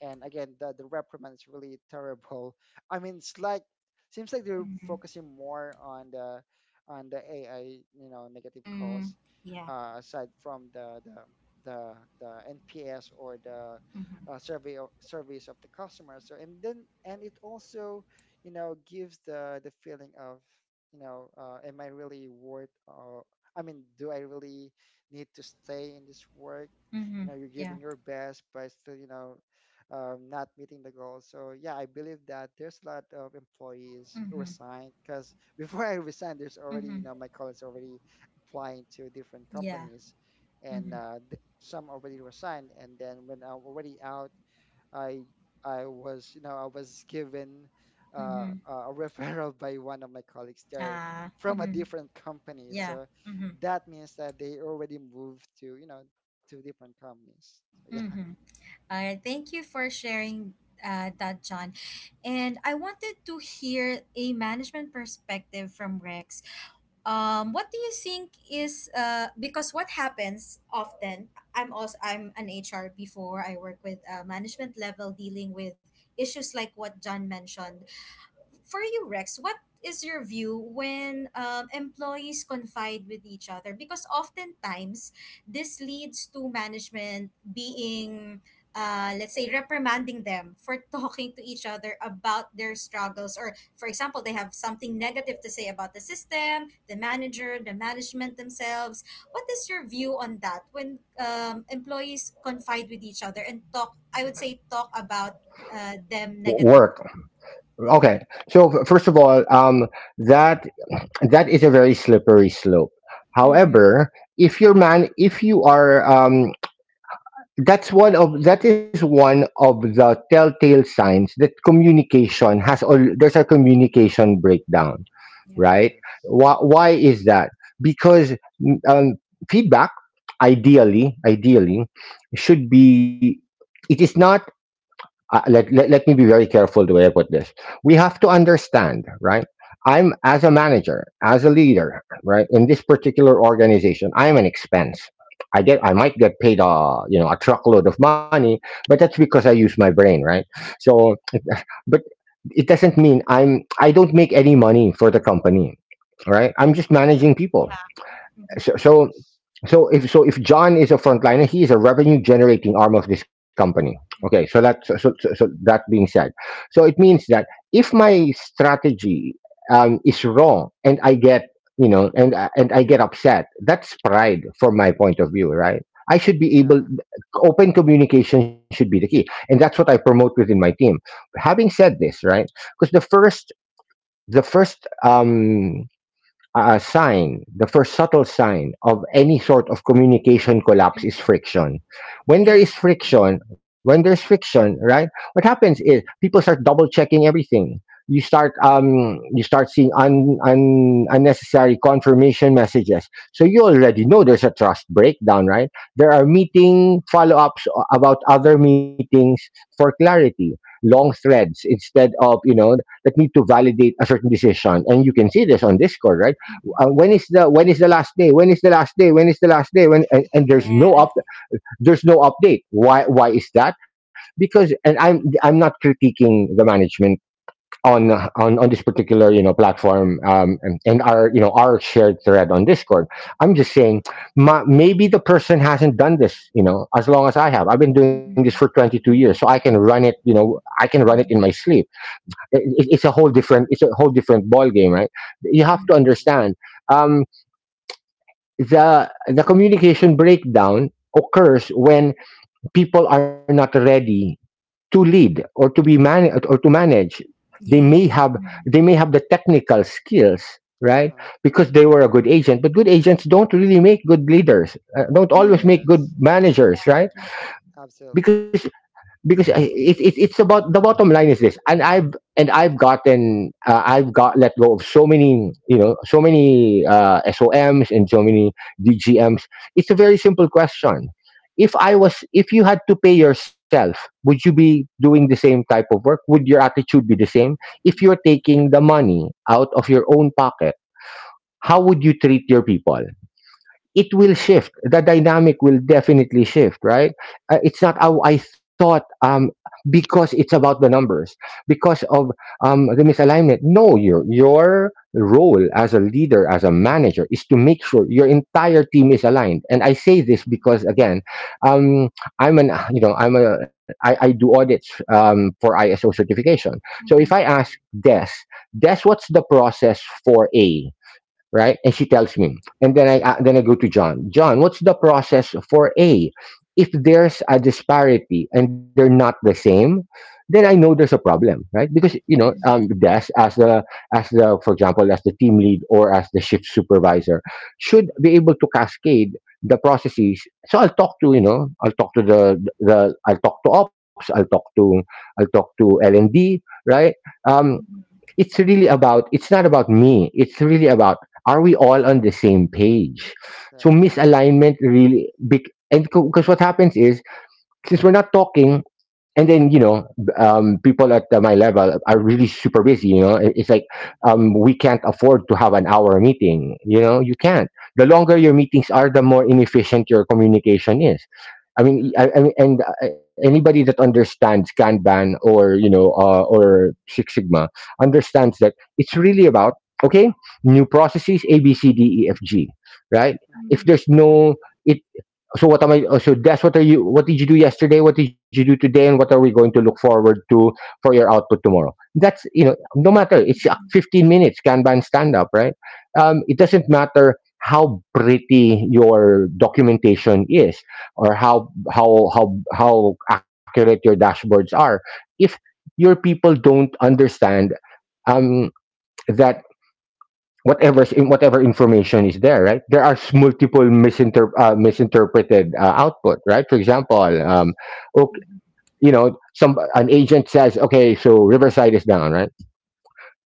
And again, the reprimand is really terrible. I mean, it's like seems like they're
Mhm.
focusing more on the AI, you know, negative
Mm.
calls,
Yeah.
aside from the the NPS or the
Mhm.
surveys of the customer. So and then and it also, you know, gives the feeling of, you know, am I really worth? I mean, do I really need to stay in this work? You
Mhm.
know, you're
Yeah.
giving your best, but still, you know, not meeting the goals. So yeah, I believe that there's a lot of employees
Mhm.
resigned because before I resigned, there's already, you
Mhm.
know, my colleagues already applying to different
Yeah.
companies, and
Mhm.
some already resigned. And then when I'm already out, I I was you know I was given
Mhm.
a referral by one of my colleagues there
Ah.
from a
Mhm.
different company.
Yeah.
So
Mhm.
that means that they already moved to, you know, to different companies. So yeah.
Mhm. All right. Thank you for sharing that, John. And I wanted to hear a management perspective from Rex. What do you think is because what happens often, I'm also, I'm an HR before. I work with management level dealing with issues like what John mentioned for you, Rex. What is your view when employees confide with each other? Because oftentimes this leads to management being, let's say, reprimanding them for talking to each other about their struggles. Or, for example, they have something negative to say about the system, the manager, the management themselves. What is your view on that when employees confide with each other and talk, I would say, talk about them
Work,
negatively? Yeah.
okay. So first of all, that, that is a very slippery slope.
Mm-hmm.
However, if you are, that's one of, that is one of the telltale signs that communication has all, there's a communication breakdown,
Yeah.
right?
Yes.
Why is that? Because mm, um, feedback, ideally should
Mhm.
be, it is not, let me be very careful the way I put this. We have to understand, right? I'm, as a manager, as a leader, right, in this particular organization, I am an expense. I might get paid a, you know, a truckload of money, but that's because I use my brain, right? So, but it doesn't mean I don't make any money for the company, right? I'm just
Mhm.
Mm-hmm.
managing people.
Yeah. Mm-hmm.
So, so
Yes.
so if, so if John is a frontliner, he is a revenue generating arm of this company. Okay, so
Mm-hmm.
that,
Mhm.
so that being said, so it means that if my strategy is wrong and I get, you know and I get upset, that's pride from my point of view, right? I should be able.
Yeah.
Open communication should be the key, and that's what I promote within my team. Having said this, right? Because the first, a sign, the first subtle sign of any sort of communication collapse is
Mm-hmm.
friction.
Yes.
Mhm.
When there's friction, right? What happens is people start double checking everything. You start seeing unnecessary confirmation messages. So you already know there's a trust breakdown, right? There are meeting follow-ups about other meetings for clarity, long threads instead of, you know, that need to validate a certain decision. And you can see this on Discord, right?
Mm-hmm.
When is the,
Mhm.
last day, when is the last day when is the last day when and there's
Yeah.
no
Yeah.
up there's no update. Why is that? Because and I'm not critiquing the management on on
Mhm.
this particular, you know, platform, and our, you know, our shared thread on Discord. I'm just saying,
Mhm.
maybe the person hasn't done this. You know, as long as I have, I've been doing this for
Mm-hmm.
22 years, so I can run it, you know, I can run it in my
Mm-hmm.
sleep.
Mhm.
It's a whole different, it's a whole different ball game, right? You have to
Mm-hmm.
Mhm.
understand. Um, the communication breakdown occurs when people are not ready to lead or to manage. They may
Yes.
have,
Mm-hmm.
they may have the technical skills, right,
Uh-huh.
because they were a good agent, but good agents don't really make good leaders, don't always
Mm-hmm.
make good
Yes.
managers,
Yeah.
right?
Yeah.
Absolutely.
because because it's about, the bottom line is this, and I've gotten, I've got let go of so many, you know, so many, SOMs and so many DGMs. It's a very simple question. If I was If you had to pay yourself, would you be doing the same type of work? Would your attitude be the same if you're taking the money out of your own pocket? How would you treat your people? It will
Mhm.
shift. The dynamic will definitely shift, right? It's not how I thought, because it's about the numbers, because of the misalignment. No, your role as a leader, as a manager, is to make sure your entire team is aligned. And I say this
Mhm.
because
Mm, yeah.
again, um, I'm an you know I'm a, I do audits, for ISO certification. So if I
Mm-hmm.
ask
Mhm.
Des, Des, what's the process for A? Right? And she tells me, and then I go to John. John, what's the process for A? If
Mhm.
there's a disparity and they're not the same, then I know there's a
Mhm.
problem, right? Because, you know,
Yes.
Mm-hmm.
Des, as the, as the, for example, as the team lead or as the shift supervisor, should
Mhm.
be able to cascade the processes. So I'll talk to, you know, I'll talk to
Mm-hmm.
the I'll talk to ops, I'll talk to L and D, right? Um
Mm-hmm.
it's really about, it's not about me it's really about, are we all on the same page? So
Yes.
Yeah.
misalignment, really big. And because what happens is, since we're not talking, and then, you know, people at my level are really super busy, you know. It's like,
Mhm.
we can't afford to have an hour meeting, you know. You can't, the
Mhm.
longer your meetings are, the more inefficient your communication is.
Yes.
I mean, and anybody that understands Kanban, or, you know, or Six Sigma, understands that it's really about, okay, new processes A B C D E F G, right? If
Mm-hmm.
Mhm.
there's
Yeah.
no, it, so what am I? So that's, what are you? What did you do yesterday? What did you do today? And what are we going to look forward to for your output tomorrow? That's, you know, no matter. It's
Mm-hmm.
15 minutes Kanban stand up, right? It doesn't matter how pretty your documentation is, or
Mhm.
how accurate your dashboards are, if your people don't understand, um, that whatever, in whatever information is there, right, there are
Mhm.
multiple misinterpreted output, right? For example,
Yes.
okay,
Mm-hmm.
you know, some an agent says, okay, so Riverside is down, right?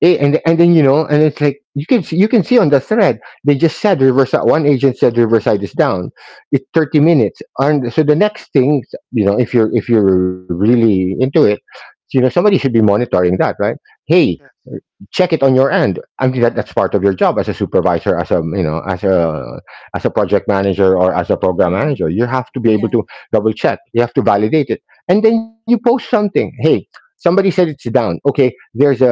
And
Mhm.
then, you know, and it's like, you can see, on the thread, they just said Riverside, one agent said Riverside is down, it's 30 minutes, and so the next thing, you know, if you're, if you're really into it, you know, somebody should be monitoring that, right? Hey,
Yes.
check it on your end. I mean, that, that's part of your job as a supervisor, as a, you know, as a, as a project manager or as a program manager.
Mm-hmm.
You have to be able
Yeah.
to double check. You have to validate it, and then you post something. Hey, somebody said it's down. Okay, there's a,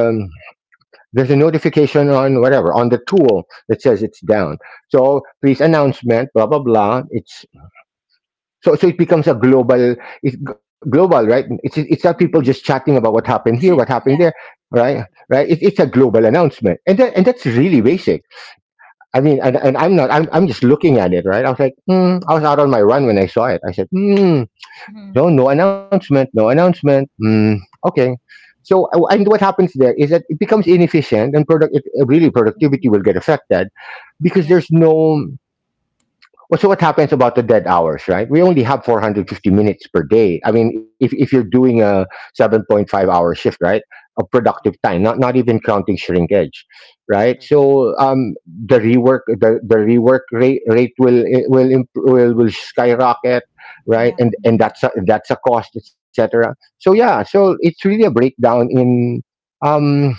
there's a notification on whatever, on the tool that says it's down. So please, announcement, blah blah blah. It's, so, so it becomes a global, global, right? It's not people just
Mm-hmm.
chatting about what happened here, what happened there,
Yeah.
right? Right? It, it's a global announcement, and that, and that's really basic. I mean,
Mhm.
and I'm not. I'm just looking at it, right? I was like, hmm. I was out on my run when I saw it. I said, hmm.
Mm-hmm.
No, no
Mhm. Okay.
announcement, no announcement. Hmm. Okay. So and what happens there is that it becomes inefficient, and really productivity
Mm-hmm.
will get affected because
Yeah.
Uh-huh.
there's no. Well, what happens about the dead hours, right? We only have
Yes.
450 minutes per day. I mean, if you're doing a 7.5-hour shift, right, of productive
Mhm.
time, not even counting shrinkage, right?
Yes.
The rework rate, rate will, imp- will skyrocket, right?
Yeah.
And
Mm-hmm.
that's a cost, etc. So yeah, so it's really a breakdown in um,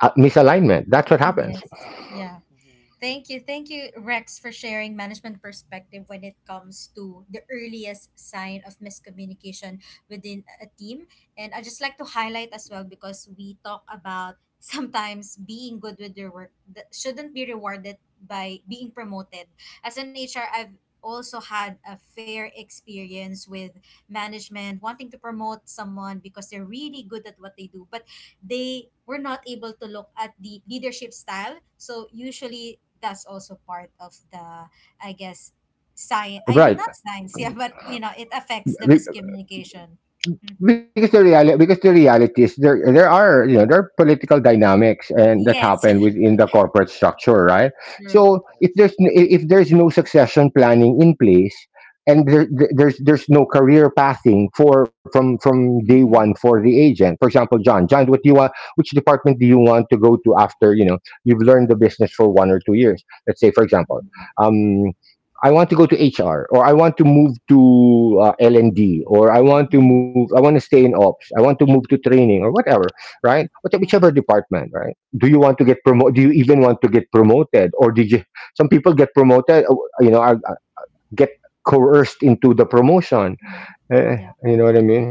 misalignment. That's what happens,
Yes. Yeah.
Mhm.
Thank you. Thank you, Rex, for sharing management perspective when it comes to the earliest sign of miscommunication within a team. And I just like to highlight as well because we talk about sometimes being good with your work that shouldn't be rewarded by being promoted. As an HR, I've also had a fair experience with management wanting to promote someone because they're really good at what they do. But they were not able to look at the leadership style. So usually that's also part of the, I guess, science. I mean,
right?
not science, yeah, but it affects the miscommunication. Mm-hmm.
Because the reality is there are there are political dynamics and that
Yes,
happen
Yeah.
within the corporate structure, right?
true.
So if there's
Yes.
n- i- if there's no succession planning in place and there's no career pathing for from day one
Mm-hmm.
for the agent. For example, John, what do you want, which department do you want to go to after, you know, you've learned the business for 1 or 2 years? Let's say, for example,
Mhm.
Mm-hmm.
um. I want to go to HR, or I want to move to L&D, or
Mm-hmm.
I want to stay in ops, I want to move to training, or whatever, right?
Yeah.
Mhm.
Whichever department, right? Do you want to get promoted? Do you even want to get promoted? Or did you, some people get promoted, you know, get coerced into the promotion.
Mm-hmm.
Eh,
Yeah.
you know
Mhm.
what I mean?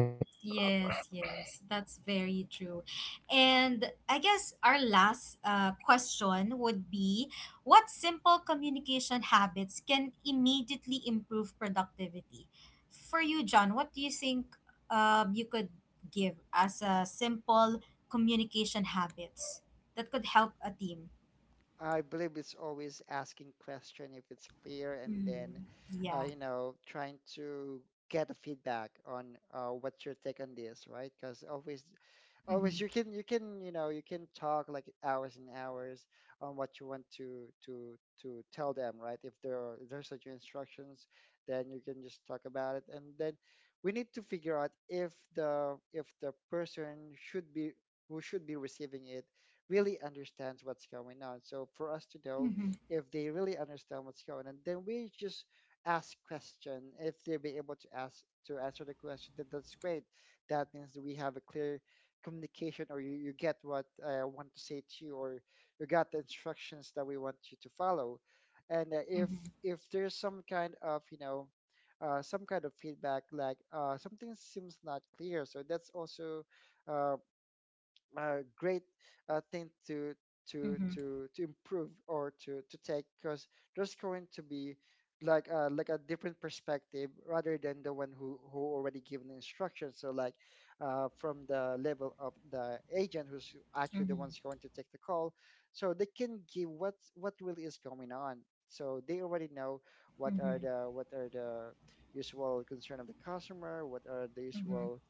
Yes, yes, that's very true. And I guess our last question would be, what simple communication habits can immediately improve productivity? For you, John, what do you think you could give as a simple communication habits that could help a team?
I believe it's always asking question if it's clear, and then,
Mm, yeah.
you know, trying to get a feedback on, what's your take on this, right? Because always
Mm-hmm.
you can, you know, you can talk like hours and hours on what you want to to tell them, right? If there are, if there's such instructions, then you can just talk about it, and then we need to figure out if the person should be who should be receiving it really understands what's going on. So for us to know
Mm-hmm.
if they really understand what's going on, then we just ask question. If they be able to ask to answer the question, then that's great. That means that we have a clear communication or you get what, I want to say to you, or you got the instructions that we want you to follow. And uh, if
Mm-hmm.
if there's some kind of, you know, some kind of feedback like, something seems not clear, so that's also, uh, a great thing to to
Mm-hmm.
to to improve or to take because there's going to be like a different perspective rather than the one who already given instructions, so like, from the level of the agent who's actually the
Mm-hmm.
ones going to take the call, so they can give what really is going on, so they already know
Mm-hmm.
what are the usual concern of the customer, what are the
Mm-hmm.
usual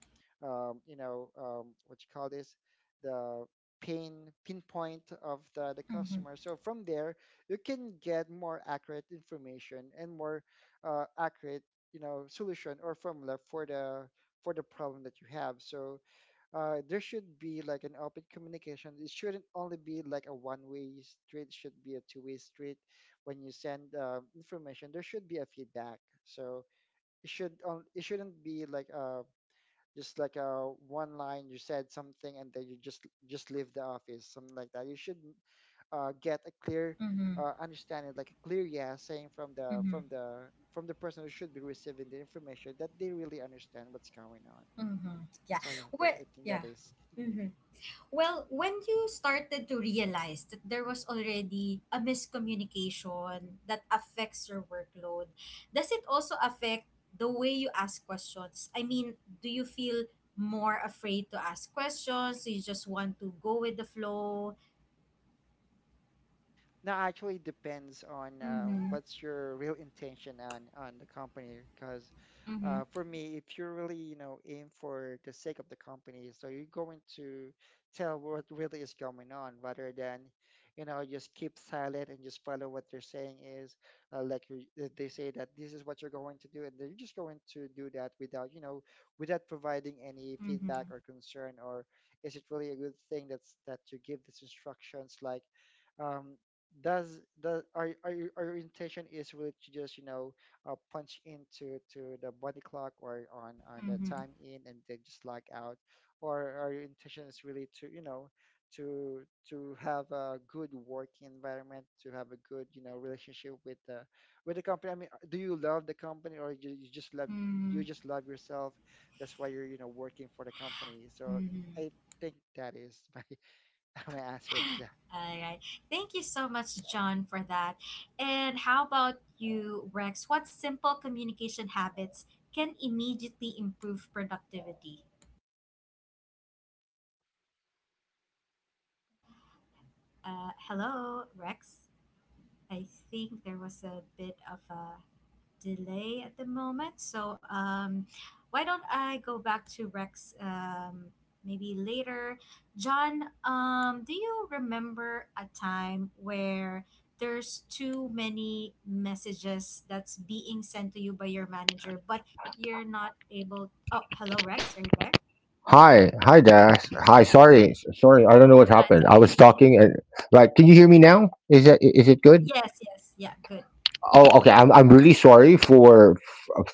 what you call this, the pain pinpoint of the
Mm-hmm.
customer. So from there, you can get more accurate information and more accurate, you know, solution or formula for the problem that you have. So there should be like an open communication. It shouldn't only be like a one-way street. It should be a two-way street. When you send, information, there should be a feedback. So it shouldn't be like a just like a one line, you said something and then you just leave the office something like that. You should get a clear,
Mm-hmm.
understanding, like a clear yes saying from the
Mm-hmm.
from the from the person who should be receiving the information that they really understand what's going on.
Mm-hmm. Yeah.
So yeah,
Well,
I think that
yeah.
is.
Mm-hmm. Well, when you started to realize that there was already a miscommunication that affects your workload, does it also affect the way you ask questions? I mean, do you feel more afraid to ask questions? Do you just want to go with the flow?
No, actually depends on,
Mm-hmm.
what's your real intention on the company. Because
Mm-hmm.
for me, if you're really aim for the sake of the company, so you're going to tell what really is going on rather than just keep silent and just follow what they're saying is like you, that they say that this is what you're going to do, and they're just going to do that without without providing any feedback
Mm-hmm.
or concern or is it really a good thing that you give these instructions like. Um, does our intention is really to just punch into to the body clock or on the
Mm-hmm.
time in and then just log out, or our intention is really to to to have a good working environment, to have a good relationship with the company. I mean, do you love the company or you just love
Mm-hmm.
yourself? That's why you're working for the company. So I
Mm-hmm.
think that is my my answer to that.
All right. Thank you so much, John, for that. And how about you, Rex? What simple communication habits can immediately improve productivity? Hello, Rex. I think there was a bit of a delay at the moment. So why don't I go back to Rex maybe later? John, do you remember a time where there's too many messages that's being sent to you by your manager, but you're not able? Oh, hello, Rex. Are you there?
Hi, hi, Dash. Hi, sorry, sorry. I don't know what
No, it's
happened. I was
okay.
talking and, like, can you hear me now? Is that is it good?
yes, yes, yeah, good.
Oh,
Yes,
okay.
we can
I'm
hear
I'm
now.
really sorry for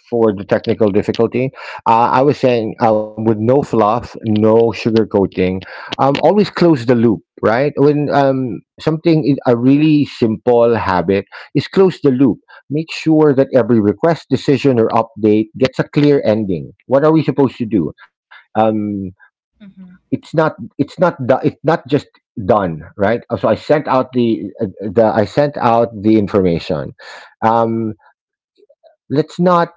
for the technical difficulty. I was saying, with no fluff, no sugar coating. Always
Mm-hmm.
close the loop, right? When something is, a really simple habit is close the loop. Make sure that every request, decision, or update gets a clear ending. What are we supposed to do? Um,
Mm-hmm.
it's not, it's not just done, right? So I sent out the I sent out the information. um let's not,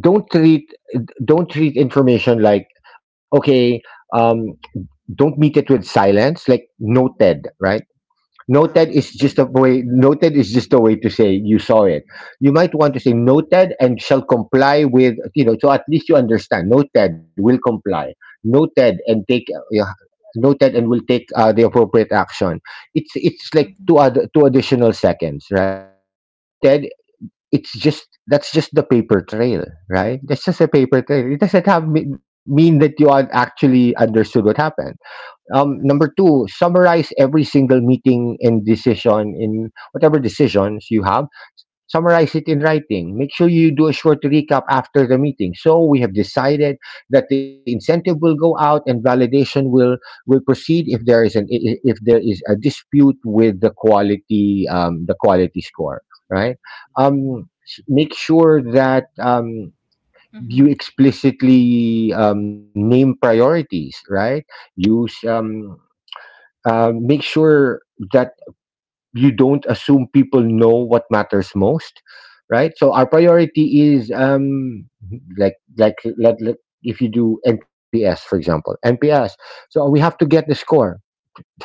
don't treat, don't treat information like okay. um don't meet it with silence, like noted, right? Noted
Uh-huh.
is just a way, noted is just a way to say you saw it. You might want to say
Uh-huh.
noted and shall comply, with, you know, so at least you understand noted will comply, noted and take, yeah, noted and will take the appropriate action. It's like two
Mm-hmm.
other, two additional seconds, right? Because noted, it's just, that's just the paper trail, right? That's just a paper
Mm-hmm.
trail. It doesn't have mean that you had actually understood what happened. Number
Yes.
two, summarize every single meeting and decision in whatever decisions you have. Summarize it in writing. Make sure you do a short recap after the meeting. So we have decided that the incentive will go out and validation will proceed if there is an if there is a dispute with the quality, the quality score, right?
Mm-hmm.
Make sure that you
Mm-hmm.
explicitly name priorities, right? Use make sure that you don't assume people know what matters most, right? So our priority is, like, let, if you do NPS, for example, NPS, so we have to
Mm-hmm.
get the score.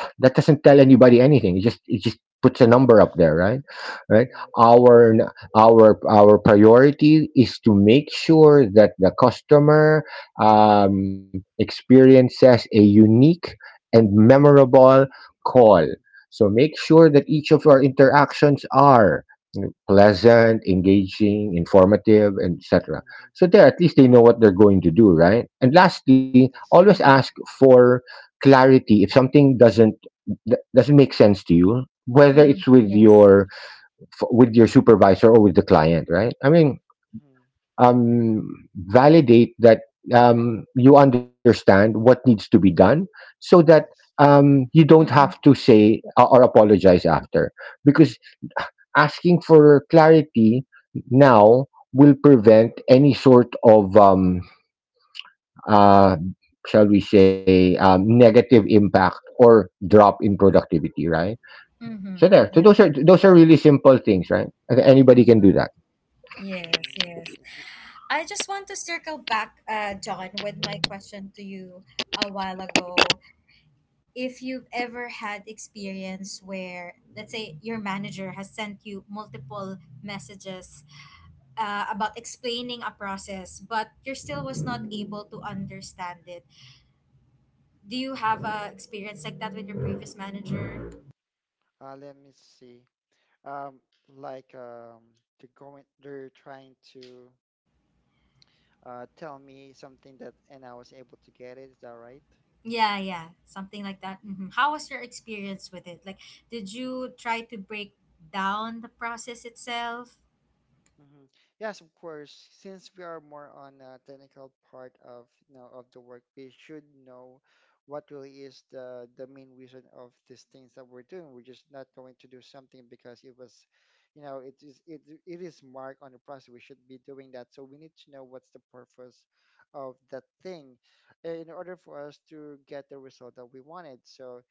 That doesn't tell anybody anything. It just, it just puts a number up there, right? Right.
Mm-hmm.
Our n- our priority is to make sure that the customer experiences a unique and memorable call. So make sure that each of our interactions are pleasant, engaging, informative, and etc. So
Mm-hmm.
there, at least they know what they're going to do, right? And lastly, always
Yes.
ask
Mm-hmm.
for clarity. If something doesn't, doesn't make sense to you, whether
Mm-hmm.
it's with
Yes.
your, with your supervisor or with the client, right? I mean,
Mm-hmm.
um validate that you understand what needs to be done, so that
Yes.
you don't have to
Mm-hmm.
say or apologize after, because asking for clarity now will prevent any sort of uh shall we say, negative impact or drop in productivity, right?
Mm-hmm.
So there, so those
Mm-hmm.
Yeah.
are, those are really simple things, right? I think anybody can do
Mm-hmm.
that.
Yes, yes.
Mm-hmm. It, w-
I just want to circle back, John, with my question to you a while ago. If you've ever had experience where, let's say, your manager has sent you multiple messages about explaining a process, but you still was not able to understand it. Do you have a experience like that with your previous manager?
let me see. Um, like they're going, they're trying to tell me something that, and I was able to get it. Is that right?
Yeah, yeah, something like that. How was your experience with it? Like, did you try to break down the process itself?
hmm Yes, of course. Since we are more on a technical part of of the work, we should know what really is the main reason of these things that we're doing. We're just not going to do something because it was, you know, it is it is marked on the process. We should be doing that. So we need to know what's the purpose of that thing, eh, in order for us to get the result that we wanted. So,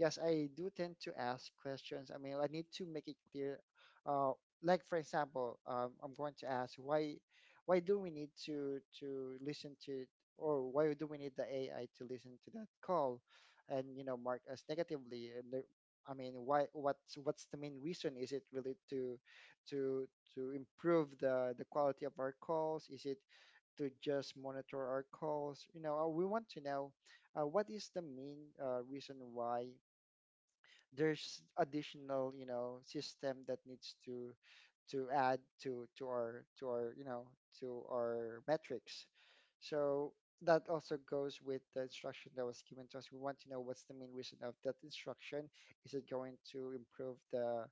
yes, I do tend to ask questions. I mean, I need to make it clear. Uh like for example, I'm going to ask why do we need to listen to or why do we need the AI to listen to that call and mark us negatively and the, I mean why what's the main reason, is it really to to improve the quality of our calls, is it to just monitor our calls, we want to know what is the main reason why there's additional system that needs to add to our to our to our metrics. So that also goes with the instruction that was given to us. We want to know what's the main reason of that instruction. Is it going to improve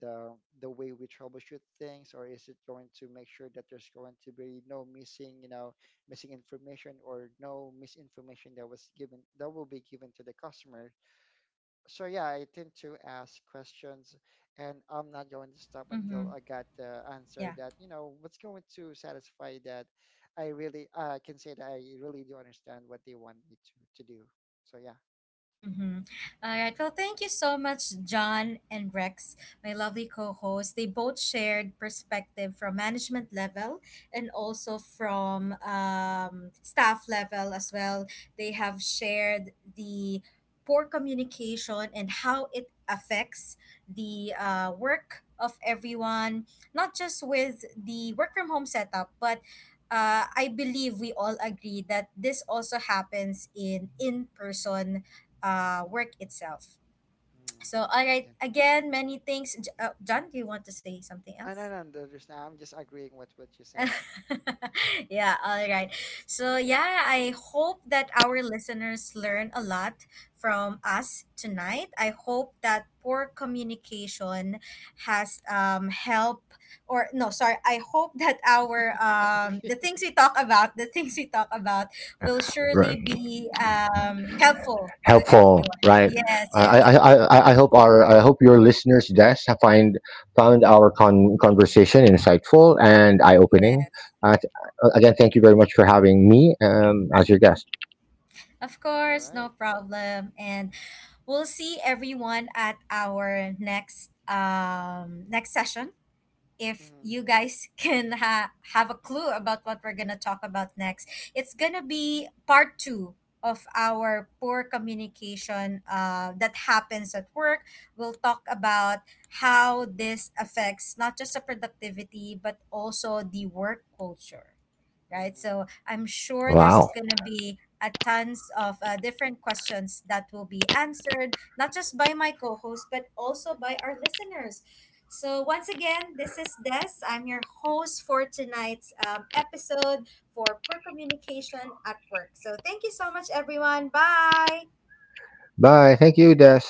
the the way we troubleshoot things, or is it going to make sure that there's going to be no missing missing information or no misinformation that was given that will be given to the customer. So yeah, I tend to ask questions, and I'm not going to stop
Mm-hmm.
until I got the answer
Yeah.
that what's going to satisfy that. I really can say that I really do understand what they want me to do. So yeah,
Mm-hmm. All right. Well, thank you so much, John and Rex, my lovely co hosts. They both shared perspective from management level and also from staff level as well. They have shared the poor communication and how it affects the work of everyone, not just with the work from home setup, but I believe we all agree that this also happens in person work itself.
Mm.
So, all right,
Yeah.
again, many things. John, do you want to say something
I
else?
don't understand. I'm just agreeing with what you said.
yeah, all right. So, yeah, I hope that our listeners learn a lot from us tonight. I hope that poor communication has helped or no, sorry, I hope that our the
Okay.
things we talk about, the things we talk about will surely
Right.
be helpful to
Helpful,
everyone,
right?
yes,
I
yes.
I, I,
Yes.
I I hope our, I hope your listeners' desk have find, found our conversation insightful and eye opening.
Mhm.
Yes.
Uh, th- Again, thank you very much for having me, as your guest.
Of
All
course, no
right.
problem. And we'll see everyone at our next next session if
Mm-hmm.
you guys can have a clue about what we're going to talk about next. It's going to be part 2 of our poor communication that happens at work. We'll talk about how this affects not just the productivity but also the work culture. Right? So
Mm-hmm.
I'm sure there's
Wow.
going to be a tons of different questions that will be answered, not just by my co host, but also by our listeners. So, once again, this is Des. I'm your host for tonight's episode for Poor Communication at Work. So, thank you so much, everyone. Bye.
Bye. Thank you, Des.